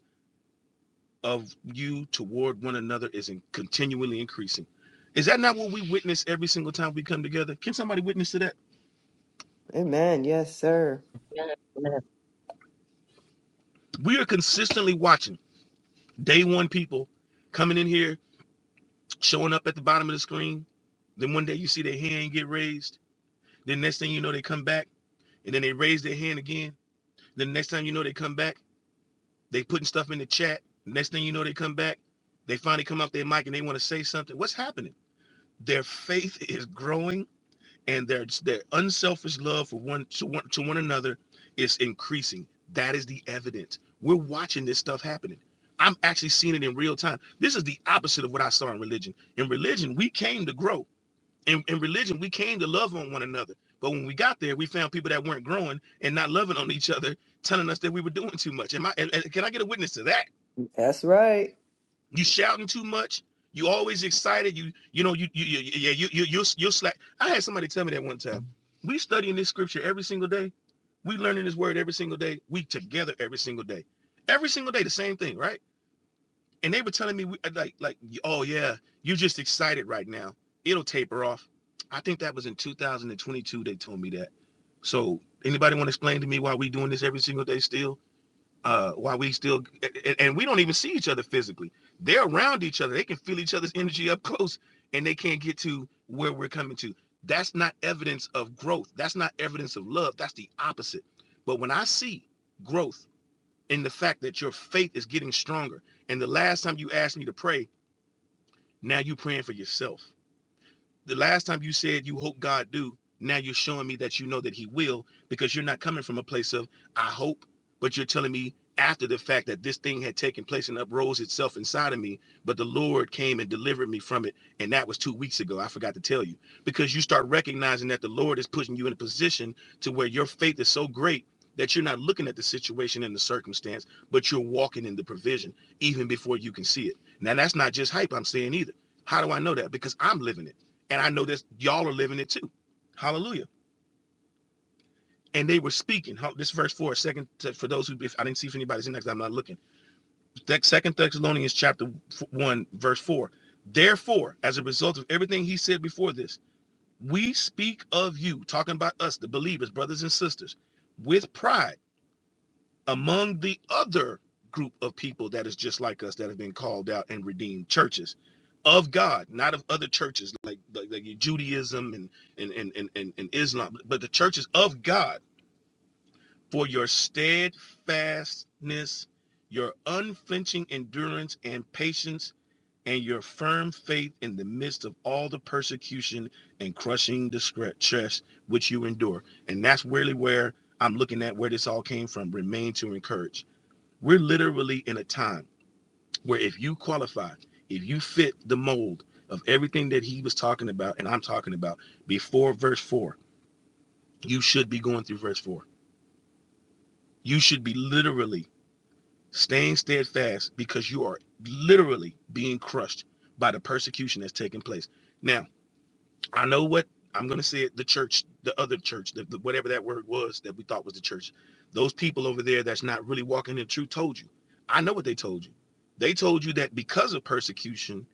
of you toward one another is in- continually increasing. Is that not what we witness every single time we come together? Can somebody witness to that?
Amen. Yes, sir.
Amen. Amen.
We are consistently watching day one people coming in here showing up at the bottom of the screen. Then one day you see their hand get raised. Then next thing you know, they come back and then they raise their hand again. Then next time you know they come back, they putting stuff in the chat. Next thing you know, they come back. They finally come off their mic and they want to say something. What's happening? Their faith is growing and their their unselfish love for one to one to one another is increasing. That is the evidence. We're watching this stuff happening. I'm actually seeing it in real time. This is the opposite of what I saw in religion. In religion, we came to grow in, in religion, we came to love on one another. But when we got there, we found people that weren't growing and not loving on each other, telling us that we were doing too much. Am I? And, and can I get a witness to that?
That's right.
You shouting too much. You always excited. You you know you you, you yeah you you you you slack. I had somebody tell me that one time. We studying this scripture every single day. We learning this word every single day. We together every single day. Every single day, the same thing, right? and they were telling me like like oh yeah you are just excited right now it'll taper off i think that was in 2022 they told me that so anybody want to explain to me why we doing this every single day still uh why we still and we don't even see each other physically they're around each other they can feel each other's energy up close and they can't get to where we're coming to that's not evidence of growth that's not evidence of love that's the opposite but when i see growth in the fact that your faith is getting stronger. And the last time you asked me to pray, now you're praying for yourself the last time you said you hope God do, now you're showing me that you know that he will because you're not coming from a place of I hope, but you're telling me after the fact that this thing had taken place and uprose itself inside of me, but the Lord came and delivered me from it. And that was two weeks ago. I forgot to tell you because you start recognizing that the Lord is pushing you in a position to where your faith is so great that you're not looking at the situation and the circumstance, but you're walking in the provision even before you can see it. Now, that's not just hype I'm saying either. How do I know that? Because I'm living it. And I know that y'all are living it too. Hallelujah. And they were speaking. Huh, This verse four, second for those who if I didn't see if anybody's in there 'cause I'm not looking. second Thessalonians chapter one, verse four. Therefore, as a result of everything he said before this, we speak of you, talking about us, the believers, brothers and sisters, with pride among the other group of people that is just like us that have been called out and redeemed churches of God, not of other churches like like, like Judaism and, and and and and Islam, but the churches of God for your steadfastness, your unflinching endurance and patience, and your firm faith in the midst of all the persecution and crushing distress which you endure. And that's really where I'm looking at where this all came from. Remain to encourage we're literally in a time where if you qualify, if you fit the mold of everything that he was talking about and I'm talking about before verse 4, you should be going through verse 4. You should be literally staying steadfast because you are literally being crushed by the persecution that's taking place. Now, I know what I'm going to say it the church, the other church, the, the- whatever that word was that we thought was the church. Those people over there that's not really walking in truth told you. I know what they told you. They told you that because of persecution,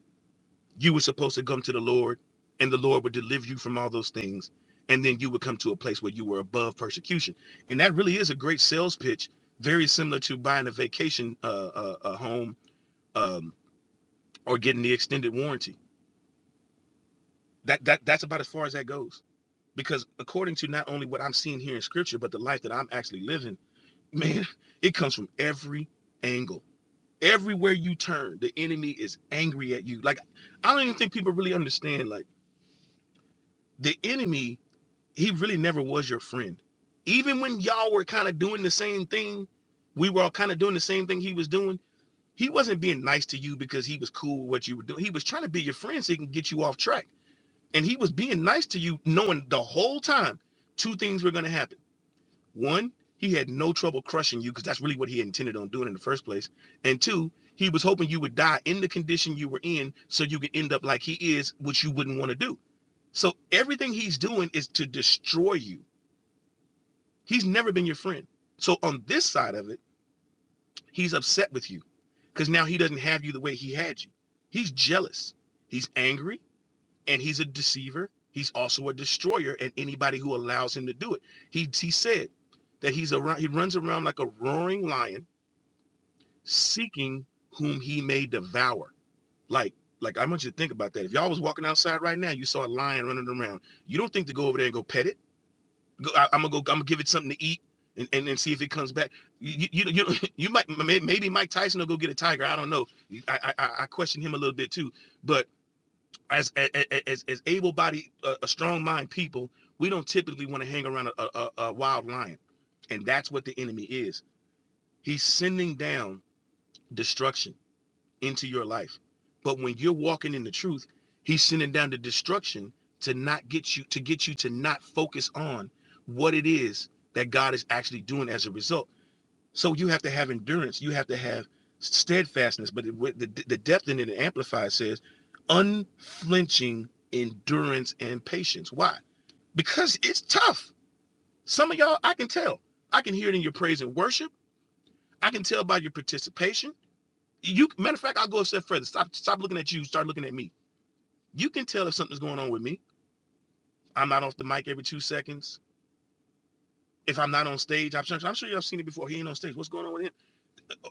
you were supposed to come to the Lord and the Lord would deliver you from all those things. And then you would come to a place where you were above persecution. And that really is a great sales pitch, very similar to buying a vacation uh, uh, a home um, or getting the extended warranty. That, that That's about as far as that goes because according to not only what I'm seeing here in scripture, but the life that I'm actually living, man, *laughs* it comes from every angle. Everywhere you turn, the enemy is angry at you. Like, I don't even think people really understand. Like, the enemy, he really never was your friend. Even when y'all were kind of doing the same thing, we were all kind of doing the same thing he was doing. He wasn't being nice to you because he was cool with what you were doing. He was trying to be your friend so he can get you off track. And he was being nice to you, knowing the whole time two things were going to happen One, he had no trouble crushing you because that's really what he intended on doing in the first place. And two, he was hoping you would die in the condition you were in so you could end up like he is, which you wouldn't want to do. So everything he's doing is to destroy you. He's never been your friend. So on this side of it, he's upset with you because now he doesn't have you the way he had you. He's jealous, he's angry, and he's a deceiver. He's also a destroyer, and anybody who allows him to do it. He, he said that he's around, he runs around like a roaring lion seeking whom he may devour. Like, like I want you to think about that. If y'all was walking outside right now, you saw a lion running around. You don't think to go over there and go pet it. Go, I, am gonna go. I'm gonna give it something to eat and, and, and see if it comes back. You you you, you, *laughs* might maybe Mike Tyson will go get a tiger. I don't know. I I, I question him a little bit too. But as as as able-bodied, uh, a strong mind people, we don't typically want to hang around a, a a wild lion, and that's what the enemy is. He's sending down destruction into your life. But when you're walking in the truth, he's sending down the destruction to not get you to get you to not focus on what it is that God is actually doing as a result. So you have to have endurance, you have to have steadfastness, but it, the the depth in it, the amplifier says unflinching endurance and patience. Why? Because it's tough. Some of y'all, I can tell. I can hear it in your praise and worship. I can tell by your participation. You matter of fact, I'll go a step further. Stop stop looking at you, start looking at me. You can tell if something's going on with me. I'm not off the mic every two seconds. If I'm not on stage, I'm sure, I'm sure y'all seen it before. He ain't on stage. What's going on with him?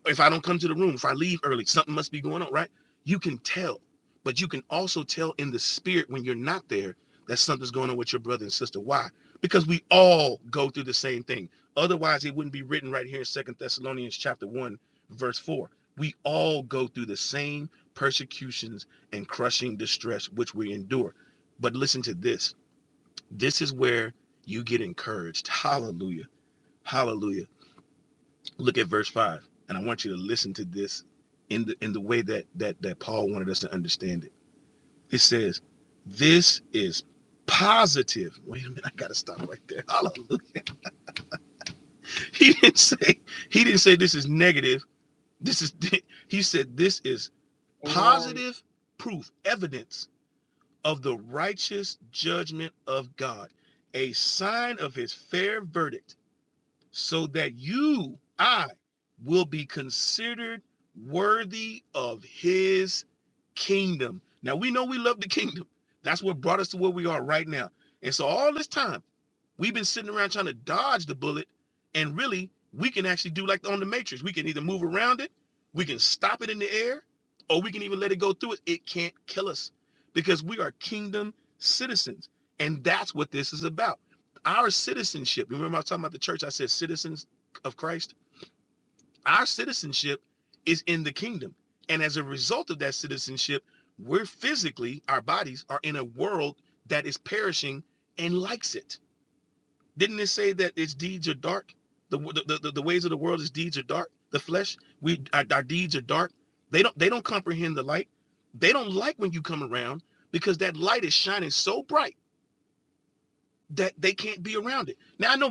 if I don't come to the room, if I leave early, something must be going on, right? You can tell, but you can also tell in the spirit when you're not there that something's going on with your brother and sister. Why? Because we all go through the same thing. Otherwise, it wouldn't be written right here in Second Thessalonians chapter 1, verse 4. We all go through the same persecutions and crushing distress which we endure. But listen to this. This is where you get encouraged. Hallelujah. Hallelujah Look at verse five, and I want you to listen to this in the in the way that that that Paul wanted us to understand it. It says, "This is positive." Wait a minute, I gotta stop right there. *laughs* Hallelujah. He didn't say he didn't say this is negative. This is *laughs* he said this is
Amen.
positive proof, evidence of the righteous judgment of God, a sign of His fair verdict so that you, I, will be considered worthy of his kingdom. Now we know we love the kingdom. That's what brought us to where we are right now. And so all this time, We've been sitting around trying to dodge the bullet, and really, we can actually do like on the Matrix. We can either move around it, we can stop it in the air, or we can even let it go through it. It can't kill us because we are kingdom citizens, and that's what this is about. Our citizenship. Remember, I was talking about the church. I said citizens of Christ. Our citizenship is in the kingdom, and as a result of that citizenship, we're physically, our bodies are in a world that is perishing and likes it didn't it say that its deeds are dark? The the, the, the ways of the world, its deeds are dark. The flesh, we our, our deeds are dark. They don't they don't comprehend the light. They don't like when you come around because that light is shining so bright that they can't be around it. Now I know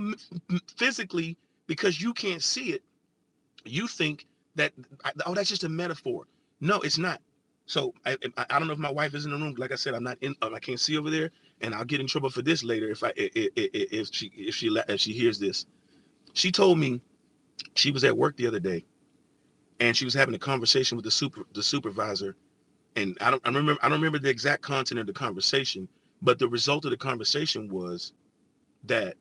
physically because you can't see it, you think that oh that's just a metaphor. No, it's not. So I I, I don't know if my wife is in the room. Like I said, I'm not in. um, I can't see over there, and I'll get in trouble for this later if I i- if she if she if she hears this she told me she was at work the other day and she was having a conversation with the super the supervisor. And I don't I remember I don't remember the exact content of the conversation, but the result of the conversation was that,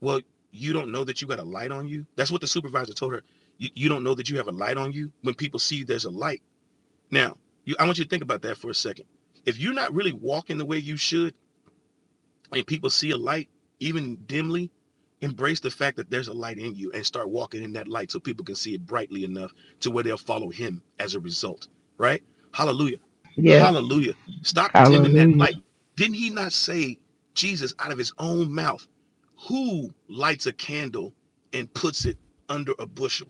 well, you don't know that you got a light on you. That's what the supervisor told her. You, you don't know that you have a light on you when people see there's a light. Now, you I want you to think about that for a second. If you're not really walking the way you should, And people see a light, even dimly, embrace the fact that there's a light in you and start walking in that light so people can see it brightly enough to where they'll follow him as a result. Right? Hallelujah.
Yes.
Hallelujah. Stop dimming that
Hallelujah.
light. Didn't he not say, Jesus, out of his own mouth, who lights a candle and puts it under a bushel?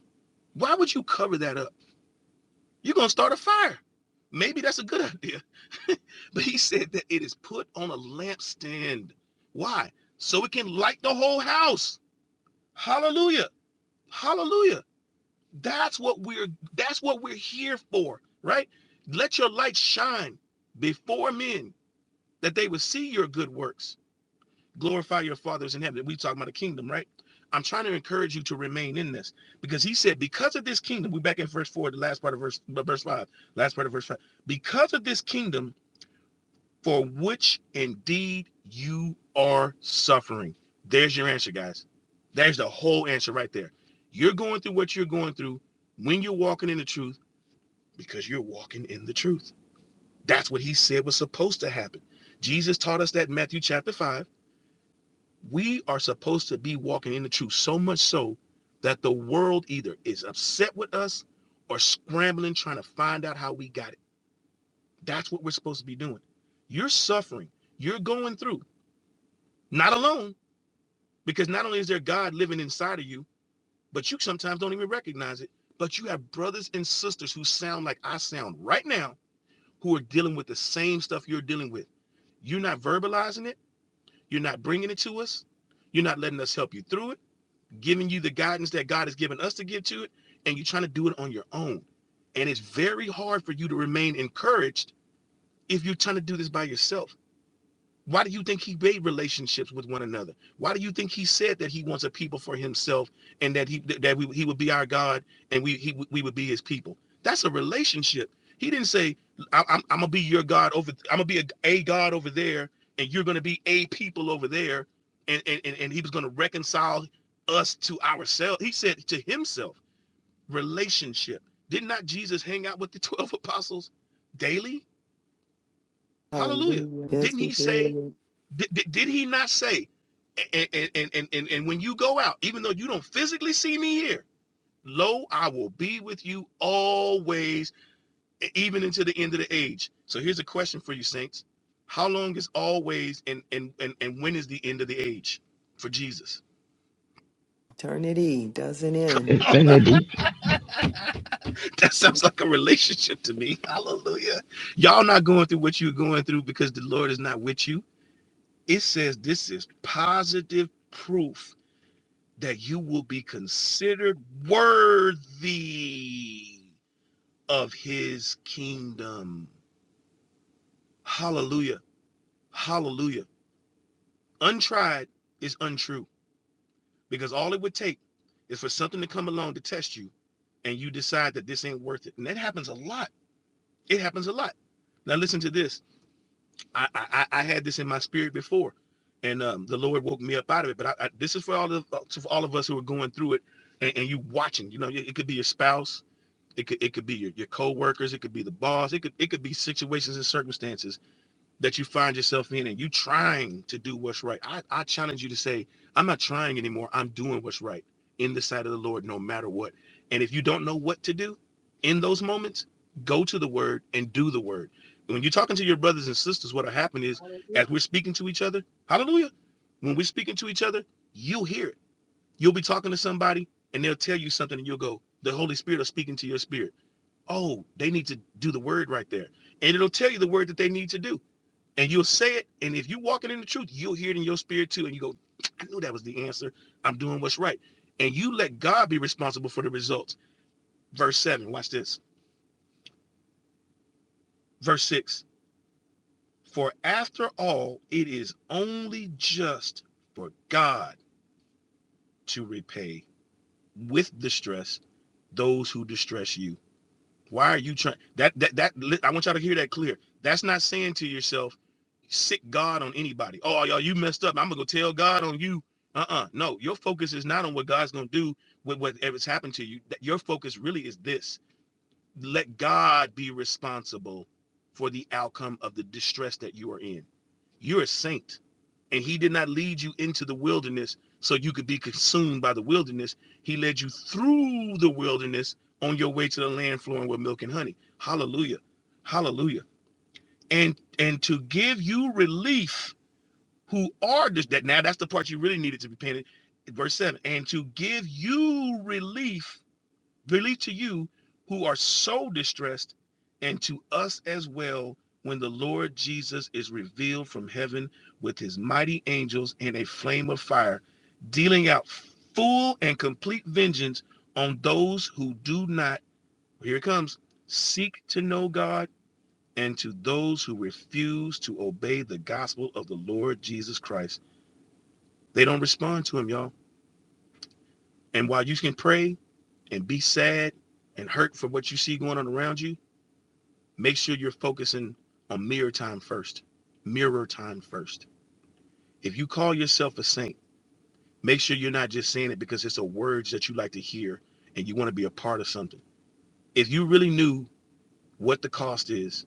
Why would you cover that up? You're going to start a fire. Maybe that's a good *laughs* idea but he said that it is put on a lampstand. Why? So it can light the whole house. Hallelujah. Hallelujah. That's what we're that's what we're here for, right? Let your light shine before men that they would see your good works. Glorify your fathers in heaven. We talking about the kingdom, right? I'm trying to encourage you to remain in this because he said, because of this kingdom, we are back in verse four, the last part of verse verse five, last part of verse five. Because of this kingdom, for which indeed you are suffering. There's your answer, guys. There's the whole answer right there. You're going through what you're going through when you're walking in the truth because you're walking in the truth. That's what he said was supposed to happen. Jesus taught us that in Matthew chapter 5. We are supposed to be walking in the truth so much so that the world either is upset with us or scrambling trying to find out how we got it. That's what we're supposed to be doing. You're suffering, you're going through. Not alone, because not only is there God living inside of you, but you sometimes don't even recognize it. But you have brothers and sisters who sound like I sound right now, who are dealing with the same stuff you're dealing with. You're not verbalizing it. You're not bringing it to us. You're not letting us help you through it, giving you the guidance that God has given us to give to it. And you're trying to do it on your own. And it's very hard for you to remain encouraged if you're trying to do this by yourself. Why do you think he made relationships with one another? Why do you think he said that he wants a people for himself and that he that we, he would be our God and we he, we would be his people? That's a relationship. He didn't say I, am I'm gonna be your God over. I'm gonna be a, a God over there and you're gonna be a people over there. And and and, and he was gonna reconcile us to ourselves. He said to himself, relationship. Did not Jesus hang out with the *laughs* twelve apostles daily? Hallelujah.
Hallelujah. Yes,
Didn't
we
he say
do.
did, did, did he not say, and, and, and, and, and when you go out, even though you don't physically see me here, lo, I will be with you always, e- even into the end of the age. So here's a question for you, Saints. How long is always and and and, and when is the end of the age for Jesus?
Eternity doesn't
*laughs*
end.
Infinity.
that sounds like a relationship to me. Hallelujah. Y'all not going through what you're going through because the Lord is not with you. It says this is positive proof that you will be considered worthy of his kingdom. Hallelujah. Hallelujah. Untried is untrue because all it would take is for something to come along to test you and you decide that this ain't worth it. And that happens a lot. It happens a lot. Now listen to this. I I, I had this in my spirit before, and um, the Lord woke me up out of it. But I, I, this is for all of for all of us who are going through it, and, and you watching. You know, it it could be your spouse, It could it could be your, your co-workers, it could be the boss, it could it could be situations and circumstances that you find yourself in and you trying to do what's right. I, I challenge you to say, I'm not trying anymore. I'm doing what's right in the sight of the Lord no matter what. And if you don't know what to do in those moments, go to the word and do the word. When you're talking to your brothers and sisters, what'll happen is
Hallelujah.
as we're speaking to each other, hallelujah. When we're speaking to each other, you'll hear it. You'll be talking to somebody and they'll tell you something and you'll go, the Holy Spirit is speaking to your spirit oh, they need to do the word right there. And it'll tell you the word that they need to do. And you'll say it. And if you're walking in the truth, you'll hear it in your spirit too. And you go, I knew that was the answer. I'm doing what's right. And you let God be responsible for the results. Verse 7, watch this. Verse 6 For after all, it is only just for God to repay with distress those who distress you. Why are you trying that that that I want y'all to hear that clear. That's not saying to yourself, sick God on anybody. Oh, y'all, you messed up. I'm gonna go tell God on you. Uh-uh. No, your focus is not on what God's gonna do with whatever's happened to you. Your focus really is this. Let God be responsible for the outcome of the distress that you are in. You're a saint, and he did not lead you into the wilderness so you could be consumed by the wilderness. He led you through the wilderness on your way to the land flowing with milk and honey. Hallelujah. Hallelujah. And and to give you relief who are this that now that's the part you really needed to be painted verse 7 and to give you relief relief to you who are so distressed and to us as well when the lord jesus is revealed from heaven with his mighty angels in a flame of fire dealing out full and complete vengeance on those who do not well, here it comes seek to know god and to those who refuse to obey the gospel of the lord jesus christ they don't respond to him, y'all. And while you can pray and be sad and hurt for what you see going on around you, make sure you're focusing on mirror time first. Mirror time first. If you call yourself a saint, make sure you're not just saying it because it's a words that you like to hear and you want to be a part of something. If you really knew what the cost is,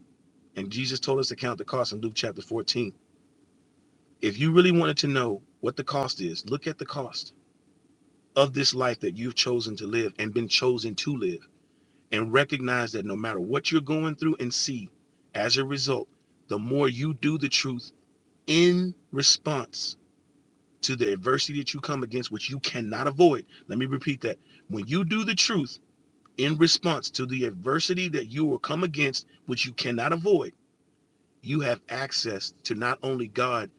and Jesus told us to count the cost in Luke chapter 14. If you really wanted to know what the cost is, look at the cost of this life that you've chosen to live and been chosen to live and recognize that no matter what you're going through and see as a result the more you do the truth in response to the adversity that you come against which you cannot avoid let me repeat that when you do the truth in response to the adversity that you will come against which you cannot avoid you have access to not only god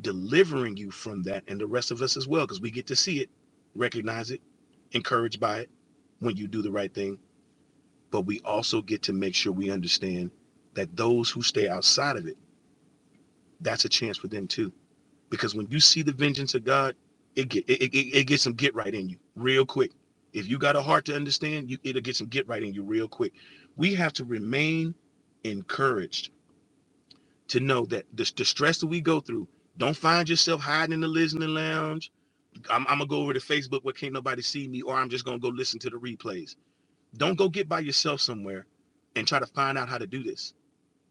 delivering you from that and the rest of us as well because we get to see it recognize it encouraged by it when you do the right thing but we also get to make sure we understand that those who stay outside of it, that's a chance for them too. Because when you see the vengeance of God, it get it, it, it gets some get right in you real quick. If you got a heart to understand, you it'll get some get right in you real quick. We have to remain encouraged to know that the, the stress that we go through, don't find yourself hiding in the listening lounge. I'm, I'm gonna go over to Facebook where can't nobody see me, or I'm just gonna go listen to the replays. Don't go get by yourself somewhere and try to find out how to do this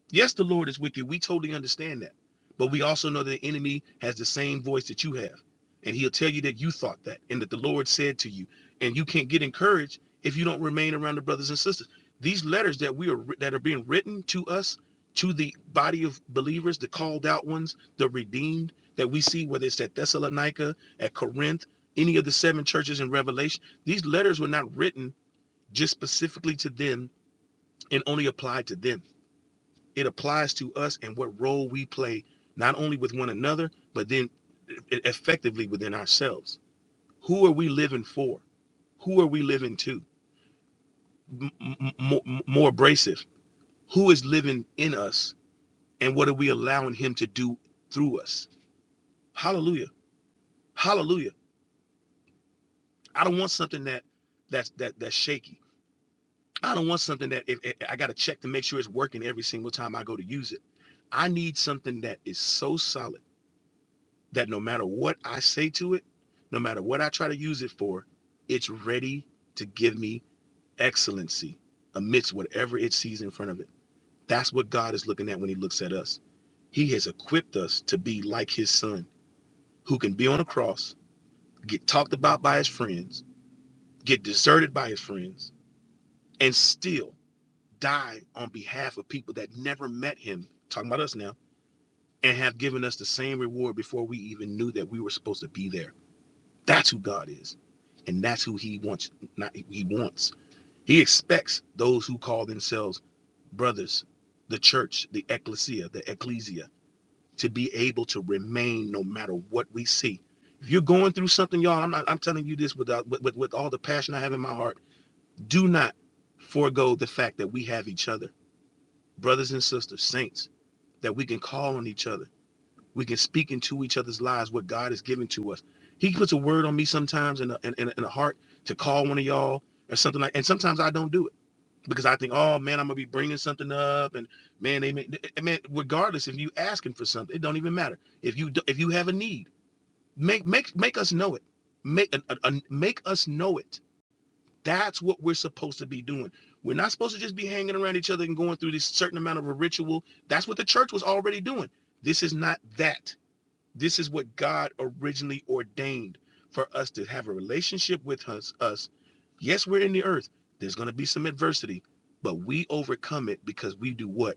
Yes, the Lord is wicked. We totally understand that. But we also know that the enemy has the same voice that you have. And he'll tell you that you thought that and that the Lord said to you. And you can't get encouraged if you don't remain around the brothers and sisters. These letters that we are that are being written to us, to the body of believers, the called out ones, the redeemed that we see, whether it's at Thessalonica, at Corinth, any of the seven churches in Revelation, these letters were not written just specifically to them and only applied to them it applies to us and what role we play, not only with one another, but then e- effectively within ourselves. Who are we living for? Who are we living to? m- m- m- more abrasive. Who is living in us and what are we allowing him to do through us? Hallelujah. Hallelujah. I don't want something that that's that that's shaky. I don't want something that if, if- I got to check to make sure it's working every single time I go to use it. I need something that is so solid that no matter what I say to it, no matter what I try to use it for, it's ready to give me excellency amidst whatever it sees in front of it. That's what God is looking at when He looks at us. He has equipped us to be like His Son, who can be on a cross, get talked about by His friends, get deserted by His friends, and still die on behalf of people that never met Him, talking about us now, and have given us the same reward before we even knew that we were supposed to be there. That's who God is. And that's who he wants not he wants. He expects those who call themselves brothers, the church, the ecclesia, the ecclesia to be able to remain no matter what we see. If you're going through something, y'all, I'm not I'm telling you this without with, with, with all the passion I have in my heart. Do not forego the fact that we have each other, brothers and sisters, saints, that we can call on each other we can speak into each other's lives what God has given to us. He puts a word on me sometimes in a, in, in, a heart to call one of y'all or something like, and sometimes I don't do it because I think, oh man, I'm gonna be bringing something up, and man, they may, I regardless if you asking for something, it don't even matter. If you do- if you have a need, make make make us know it. Make a, a, a- make us know it. That's what we're supposed to be doing. We're not supposed to just be hanging around each other and going through this certain amount of a ritual. That's what the church was already doing. This is not that this is what God originally ordained for us to have a relationship with us. us. Yes, we're in the earth. There's going to be some adversity, but we overcome it because we do what?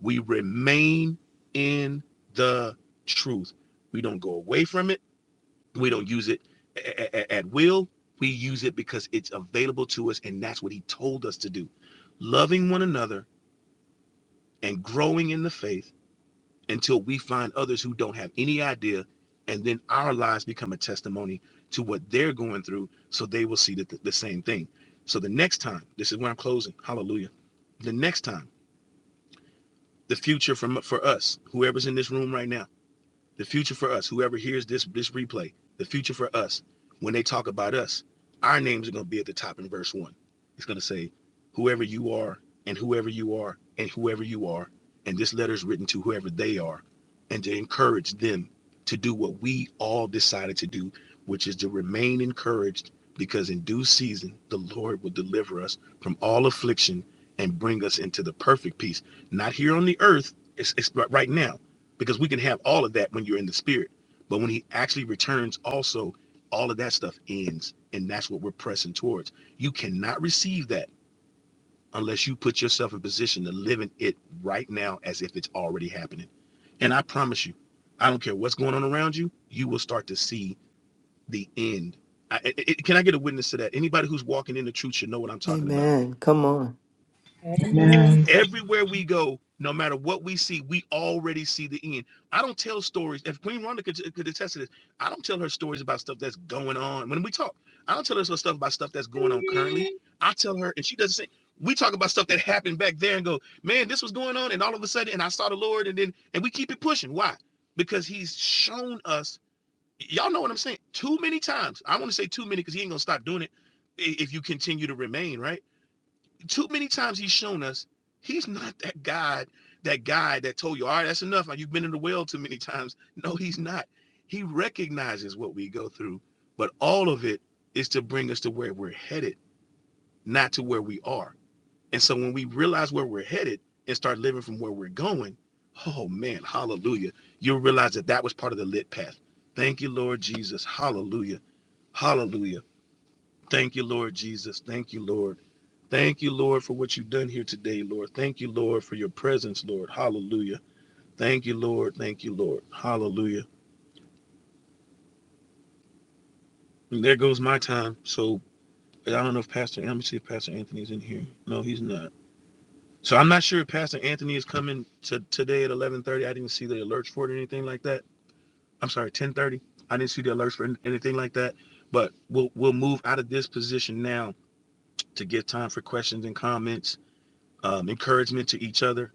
We remain in the truth. We don't go away from it. We don't use it a- a- at will. We use it because it's available to us, and that's what He told us to do. Loving one another and growing in the faith until we find others who don't have any idea and then our lives become a testimony to what they're going through so they will see the, the same thing so the next time this is where i'm closing hallelujah the next time the future from for us whoever's in this room right now the future for us, whoever hears this this replay, the future for us, when they talk about us, our names are going to be at the top in verse one. It's going to say, whoever you are, and whoever you are, and whoever you are, and this letter is written to whoever they are, and to encourage them to do what we all decided to do, which is to remain encouraged, because in due season the Lord will deliver us from all affliction and bring us into the perfect peace, not here on the earth. It's, it's right now because we can have all of that when you're in the spirit but when he actually returns also all of that stuff ends and that's what we're pressing towards you cannot receive that unless you put yourself in position to live in it right now as if it's already happening and i promise you i don't care what's going on around you you will start to see the end I, I- I- can i get a witness to that anybody who's walking in the truth should know what i'm talking about
Amen. Come on.
Amen.
Amen.
Everywhere we go, no matter what we see, we already see the end. I don't tell stories. If Queen Rhonda could, could attest to this, I don't tell her stories about stuff that's going on. When we talk, I don't tell her stuff about stuff that's going on currently. I tell her, and she doesn't say, we talk about stuff that happened back there and go, man, this was going on. And all of a sudden, and I saw the Lord, and then, and we keep it pushing. Why? Because he's shown us, y'all know what I'm saying, too many times. I want to say too many because he ain't going to stop doing it if you continue to remain, right? too many times he's shown us he's not that God, that guy that told you, all right, that's enough. You've been in the well too many times. No, he's not. He recognizes what we go through, but all of it is to bring us to where we're headed, not to where we are. And so when we realize where we're headed and start living from where we're going, oh man, hallelujah. You'll realize that that was part of the lit path. Thank you, Lord Jesus. Hallelujah. Hallelujah. Thank you, Lord Jesus. Thank you, Lord. Thank you, Lord, for what you've done here today, Lord. Thank you, Lord, for your presence, Lord. Hallelujah. Thank you, Lord. Thank you, Lord. Hallelujah. And there goes my time. So I don't know if Pastor, let me see if Pastor Anthony's in here. No, he's not. So I'm not sure if Pastor Anthony is coming to today at 11:30. I didn't see the alerts for it or anything like that. I'm sorry, 10:30. I didn't see the alerts for anything like that. But we'll we'll move out of this position now to get time for questions and comments, um, encouragement to each other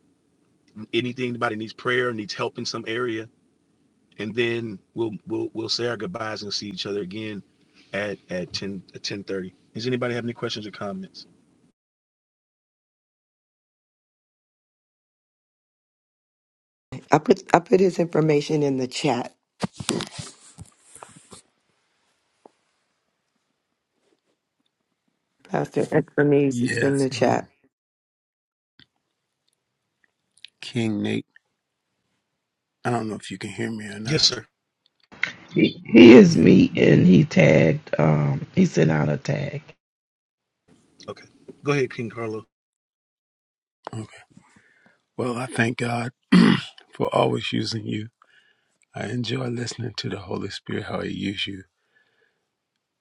anything anybody needs prayer needs help in some area and then we'll we'll we'll say our goodbyes and see each other again at at 10 at ten thirty. does anybody have any questions or comments
I put I put his information in the chat. Pastor Ephraim's in
Yes,
the
um,
chat.
King Nate. I don't know if you can hear me or
yes
not.
sir
He, he is
Yeah.
me and he tagged, um, he sent out a tag.
okay go ahead king carlo
Okay. Well, I thank God *clears throat* for always using you. I enjoy listening to the Holy Spirit how He uses you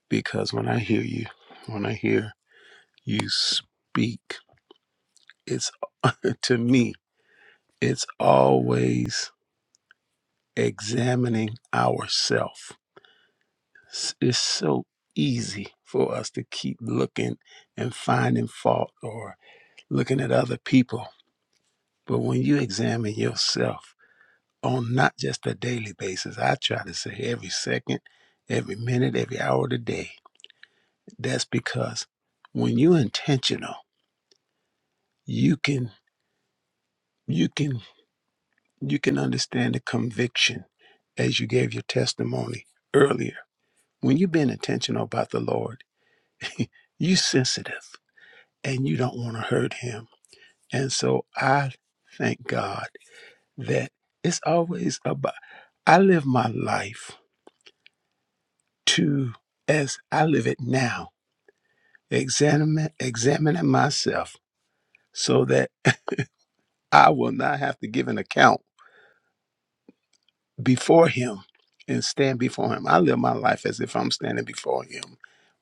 because when I hear you, when I hear you speak, it's uh, to me. It's always examining ourselves. It's it's so easy for us to keep looking and finding fault or looking at other people, but when you examine yourself on not just a daily basis. I try to say every second, every minute, every hour of the day. That's because when you're intentional, you can you can you can understand the conviction as you gave your testimony earlier. When you've been intentional about the Lord, *laughs* you're sensitive and you don't want to hurt him. And so I thank God that it's always about I live my life to as I live it now examining, examining myself so that I will not have to give an account before him and stand before him. I live my life as if I'm standing before him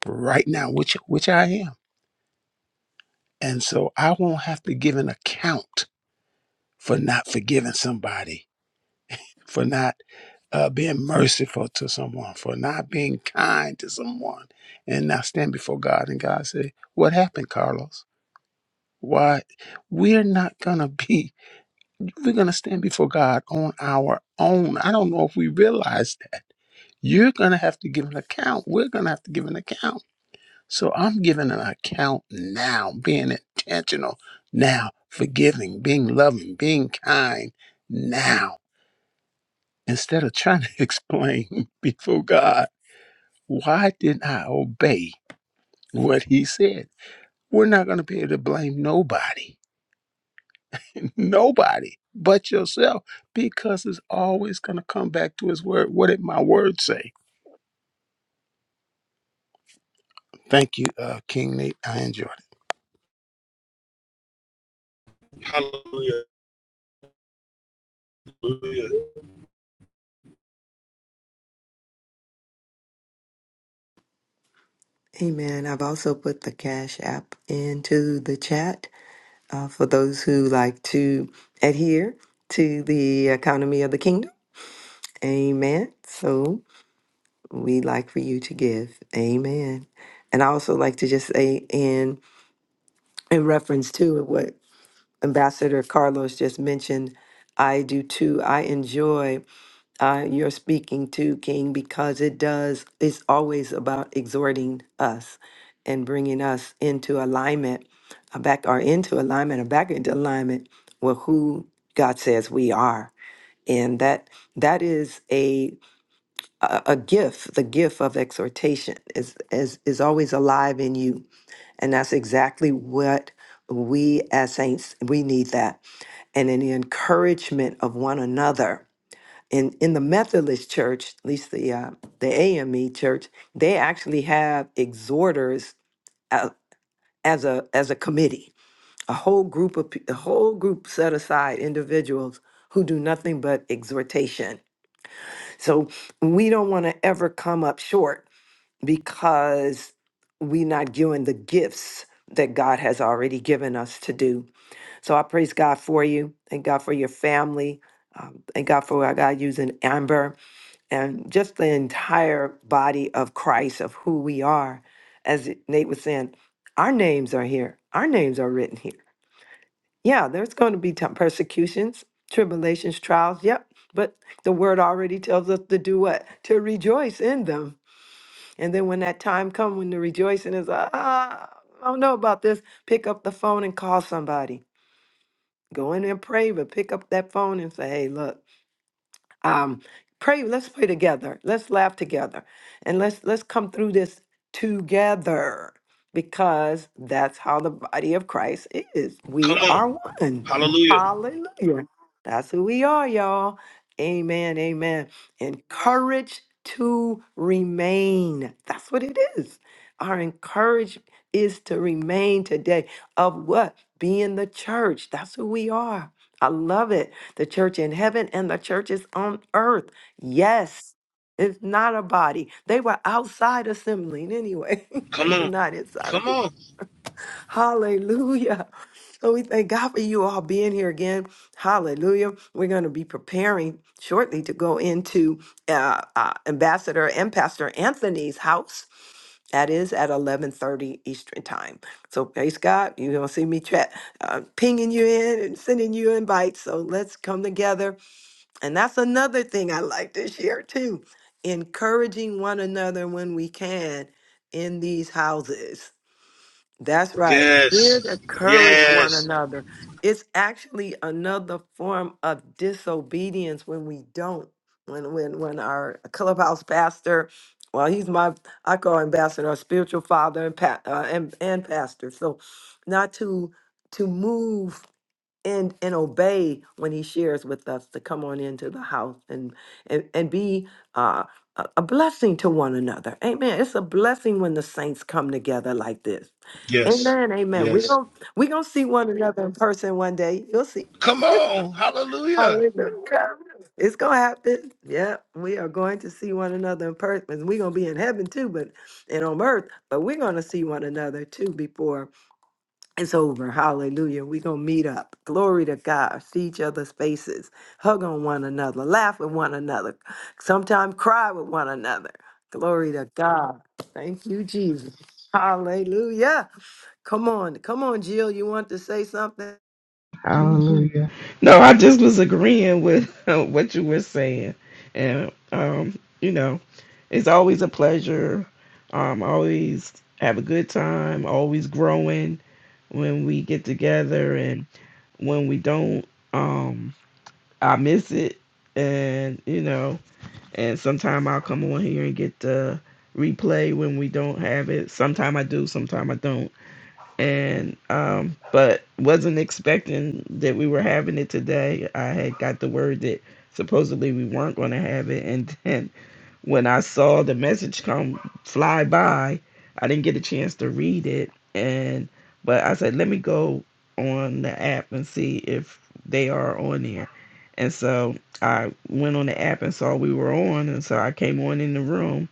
right now, which which I am. And so I won't have to give an account for not forgiving somebody, for not uh, being merciful to someone, for not being kind to someone, and now stand before God and God say, "What happened, Carlos? Why we're not gonna *laughs* be?" We're going to stand before God on our own. I don't know if we realize that. You're going to have to give an account. We're going to have to give an account. So I'm giving an account now, being intentional now, forgiving, being loving, being kind now, instead of trying to *laughs* explain before God, why didn't I obey what He said? We're not going to be able to blame nobody *laughs* nobody but yourself because it's always going to come back to his word. What did my word say? Thank you, uh, King Nate. I enjoy.
hallelujah hallelujah
Amen. I've also put the Cash App into the chat. uh, for those who like to adhere to the economy of the kingdom. Amen. So we like for you to give. Amen. And I also like to just say, in in reference to what Ambassador Carlos just mentioned, I do too. I enjoy uh, you're speaking to, King, because it does, it's always about exhorting us and bringing us into alignment, uh, back or into alignment or back into alignment with who God says we are. And that that is a a a gift. The gift of exhortation is is is always alive in you, and that's exactly what we as saints we need that. And in the encouragement of one another, in in the Methodist Church, at least the uh, the AME Church, they actually have exhorters uh, as a as a committee, a whole group of pe- a whole group set aside individuals who do nothing but exhortation. So we don't want to ever come up short because we're not given the gifts that God has already given us to do. So I praise God for you. Thank God for your family. Um, thank God for our God using Amber and just the entire body of Christ of who we are. As Nate was saying, our names are here. Our names are written here. Yeah, there's going to be t- persecutions, tribulations, trials. Yep. But the word already tells us to do what? To rejoice in them. And then when that time comes, when the rejoicing is, ah, I don't know about this, pick up the phone and call somebody. Go in and pray, but pick up that phone and say, hey, look. um, pray let's pray together let's laugh together and let's let's come through this together because that's how the body of christ is we
come
are
on
one
hallelujah
hallelujah that's who we are y'all amen amen encourage to remain that's what it is our encourage is to remain today of what being the church that's who we are i love it the church in heaven and the churches on earth. Yes, it's not a body. They were outside assembling anyway, *laughs*
come
they were
on
not inside of
come on
*laughs* Hallelujah. So we thank God for you all being here again. Hallelujah. We're going to be preparing shortly to go into uh, uh, Ambassador and Pastor Anthony's house. That is at 11:30 Eastern Time. So praise God, you're gonna see me chat, uh, pinging you in and sending you invites. So let's come together. And that's another thing I like to share too, encouraging one another when we can in these houses. That's right. We're
yes
to encourage one
yes
another. It's actually another form of disobedience when we don't. When when when our clubhouse pastor, well, he's my I call him ambassador, our spiritual father and pa- uh, and, and pastor. So, not to to move and and obey when he shares with us to come on into the house and and and be uh, a a blessing to one another. Amen. It's a blessing when the saints come together like this.
yes
Amen, amen. We
yes
gonna we gonna see one another in person one day. You'll see.
come on hallelujah
Hallelujah. It's gonna happen. Yeah, we are going to see one another in person. We're gonna be in heaven too, but and on earth, but we're gonna see one another too before it's over. Hallelujah. We're gonna meet up. Glory to God. See each other's faces, hug on one another, laugh with one another, sometimes cry with one another. Glory to God. Thank you, Jesus. Hallelujah. Come on, come on, Jill. You want to say something?
Hallelujah. No, I just was agreeing with *laughs* what you were saying. And, um, you know. It's always a pleasure. Um, always have a good time. Always growing when we get together, and when we don't, um, I miss it. And you know, and sometime I'll come on here and get the replay when we don't have it. Sometime I do, sometime I don't. And um, but wasn't expecting that we were having it today. I had got the word that supposedly we weren't going to have it, and then when I saw the message come fly by, I didn't get a chance to read it and but I said let me go on the app and see if they are on there. And so I went on the app and saw we were on and so I came on in the room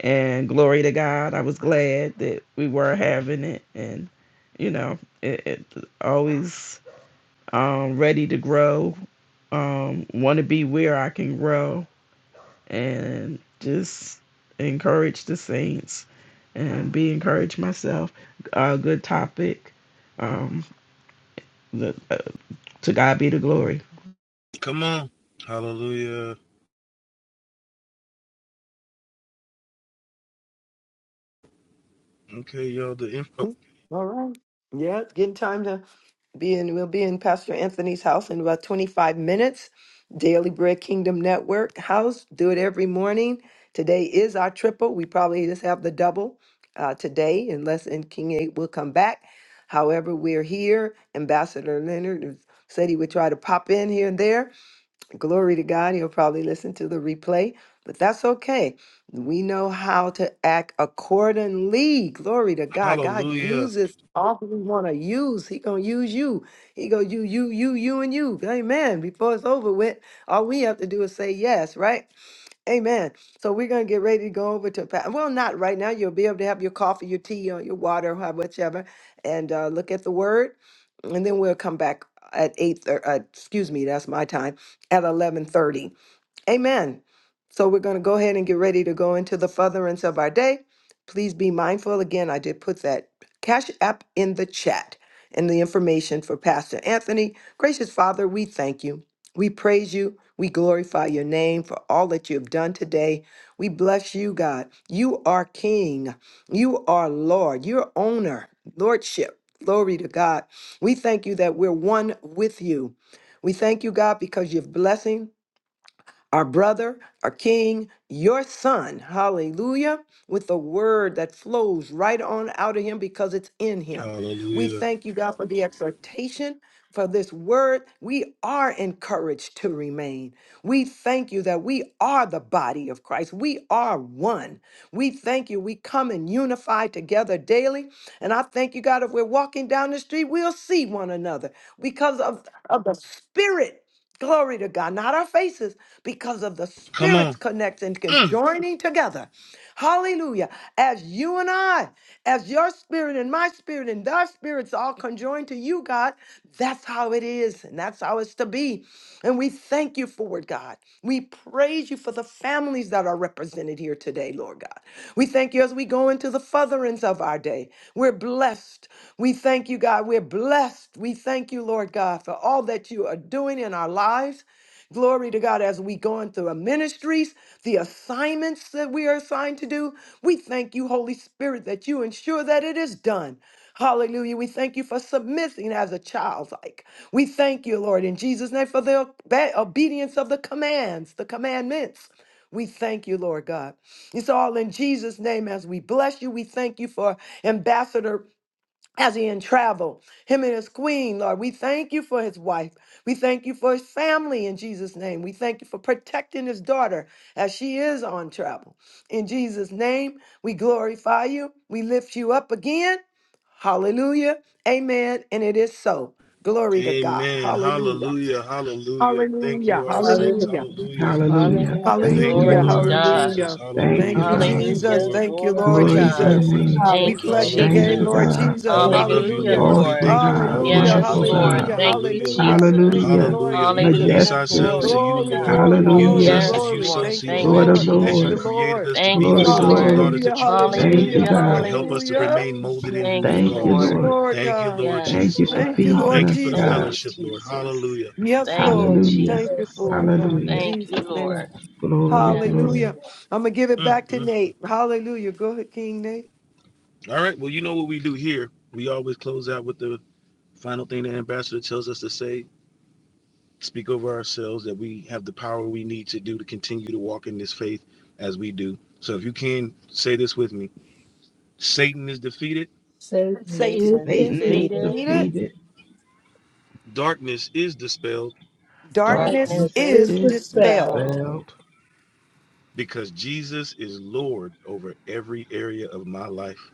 and glory to God, I was glad that we were having it and you know, it, it always um ready to grow um, want to be where I can grow and just encourage the saints and be encouraged myself. A good topic. Um, the, uh, to God be the glory.
come on hallelujah okay y'all the info
All right. Yeah, it's getting time to be in. We'll be in Pastor Anthony's house in about 25 minutes. Daily Bread Kingdom Network house. Do it every morning. Today is our triple. We probably just have the double uh, today, unless and King Eight will come back. However, we're here. Ambassador Leonard said he would try to pop in here and there. Glory to God. He'll probably listen to the replay, but that's okay. We know how to act accordingly. Glory to God. God
hallelujah
uses all who we want to use. He gonna use you. He go you, you, you, you, and you. Amen. Before it's over with, all we have to do is say yes, right? Amen. So we're going to get ready to go over to, pa- well, not right now. You'll be able to have your coffee, your tea, or your water, or whichever, and uh, look at the word. And then we'll come back at 8, thir- uh, excuse me, that's my time, at 11.30 Amen. So we're going to go ahead and get ready to go into the furtherance of our day. Please be mindful. Again, I did put that cash app in the chat and the information for Pastor Anthony. Gracious Father, we thank you. We praise you. We glorify your name for all that you have done today. We bless you, God. You are King. You are Lord. You're owner, Lordship. Glory to God. We thank you that we're one with you. We thank you, God, because you're blessing our brother, our king, your son, hallelujah, with the word that flows right on out of him because it's in him. We
hallelujah
thank you, God, for the exhortation for this word. We are encouraged to remain. We thank you that we are the body of Christ. We are one. We thank you. We come and unify together daily. And I thank you, God, if we're walking down the street, we'll see one another because of, of the spirit. Glory to God, not our faces because of the
come
Spirit's
on
connection, con- joining together. Hallelujah. As you and I, as your spirit and my spirit and thy spirits all conjoined to you, God, that's how it is and that's how it's to be. And we thank you for it, God. We praise you for the families that are represented here today, Lord God. We thank you as we go into the furtherance of our day. We're blessed. We thank you, God. We're blessed. We thank you, Lord God, for all that you are doing in our lives. Glory to God as we go into our ministries, the assignments that we are assigned to do. We thank you, Holy Spirit, that you ensure that it is done. Hallelujah. We thank you for submitting as a child like. We thank you, Lord, in Jesus' name for the obe- obedience of the commands, the commandments. We thank you, Lord God. It's all in Jesus' name as we bless you. We thank you for Ambassador as he in travel, him and his queen, Lord. We thank you for his wife. We thank you for his family in Jesus' name. We thank you for protecting his daughter as she is on travel. In Jesus' name, we glorify you. We lift you up again. Hallelujah. Amen. And it is so. Glory to God.
Amen.
Hallelujah.
Hallelujah. Hallelujah. Thank you,
Hallelujah.
all saints.
Hallelujah.
Hallelujah.
Hallelujah.
Glory to
Hallelujah.
Hallelujah.
Thank
Thank
you,
you,
Glory
Hallelujah.
to
God.
Lord.
Lord
God.
Jesus.
Hallelujah.
Thank you,
Thank
Hallelujah.
you,
Father.
Thank you,
Hallelujah.
Jesus.
Lord.
Thank you,
Glory to
Lord
Thank you
Glory
for
to
God.
your
your
Glory.
Jesus.
presence,
name.
We
Lord.
Thank you,
bless your
Hallelujah.
Thank
game,
you,
Hallelujah.
Lord
Jesus.
God.
Jesus.
Oh, we
Thank
love
you,
you,
Hallelujah,
Hallelujah.
Lord.
Lord.
We
Lord.
Awesome
thank you for
God.
all that
Hallelujah.
you
Yes,
Wonderful
are,
Lord.
Lord.
God.
Hallelujah.
Thank you,
Hallelujah.
Hallelujah.
Jesus.
Thank you,
Hallelujah.
Lord
Hallelujah. We
Jesus.
release
Hallelujah.
Majestic.
ourselves
Glory
to you,
to
Glory,
Lord.
God.
glory,
Hallelujah.
Use
glory,
Hallelujah.
us
Yes,
as you
glory.
so
Lord.
Thank
see
you,
Thank
Lord
you,
fit,
of
Lord.
as
Thank
Jesus.
you,
you've
Lords.
created
Lord.
us to
Thank
be the
you,
Glory,
Thank you,
sons and
Lord.
daughters
glory.
Hallelujah.
that you want us to
Thank
be,
Hallelujah.
you,
Hallelujah.
and
God.
help us to
Hallelujah.
Hallelujah.
remain molded in
Lord.
who
Thank
you
you,
Thank
called
you,
Thank
us.
you,
Lord.
Lord.
Lord
Thank you,
God.
Lord
Yes,
Thank you
Jesus.
for
Lord.
Thank you,
I
feeding
Lord
Thank you
us,
for the
Thank
God.
you,
Jesus.
fellowship, Lord.
Jesus.
Hallelujah.
Yes,
Thank you,
Lord. We
Hallelujah.
Thank
thank
you
Jesus.
you,
for it,
Lord.
God. In
Hallelujah.
Thank you,
Jesus'
Thank
Lord.
you.
name.
Glory,
Yes,
Hallelujah.
glory.
Lord,
I'm going to give it
thank
back
you.
to
Mhm.
Nate. Hallelujah. Go ahead, King Nate.
All right. Well, you know what we do here. We always close out with the final thing the ambassador tells us to say. Speak over ourselves that we have the power we need to do to continue to walk in this faith as we do. So if you can say this with me Satan is defeated,
Satan
Satan
is
Satan
is
Satan
is
is
defeated,
defeated.
defeated.
defeated.
darkness is dispelled
Darkness
Darkness
Darkness
darkness
is
is
is
is
dispelled
dispelled
dispelled,
dispelled
because Jesus is Lord over every area of my life.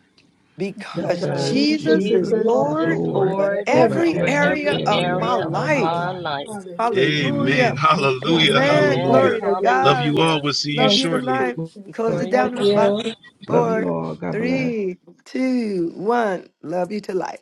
because
because
because
because
Jesus
Jesus
is
is
Jesus
the
Jesus
is
Lord
is
Lord
Lord
over
over
Lord
every
over
every
over
every
area.
area
every
of
area
my
area
of
of
my
life.
my
life.
life.
Hallelujah.
Amen.
Hallelujah.
Amen.
Thank you, Lord.
Hallelujah.
Amen.
Hallelujah.
Amen.
Glory
Hallelujah.
to
Hallelujah.
Love you
God.
Hallelujah.
all. We'll see you
Love
Thank
you
you,
shortly.
tonight.
Jesus.
Close it
Lord,
Glory to
Love
down in
God.
you.
about
love you
four,
all. God bless.
three, two, one. Love you to life.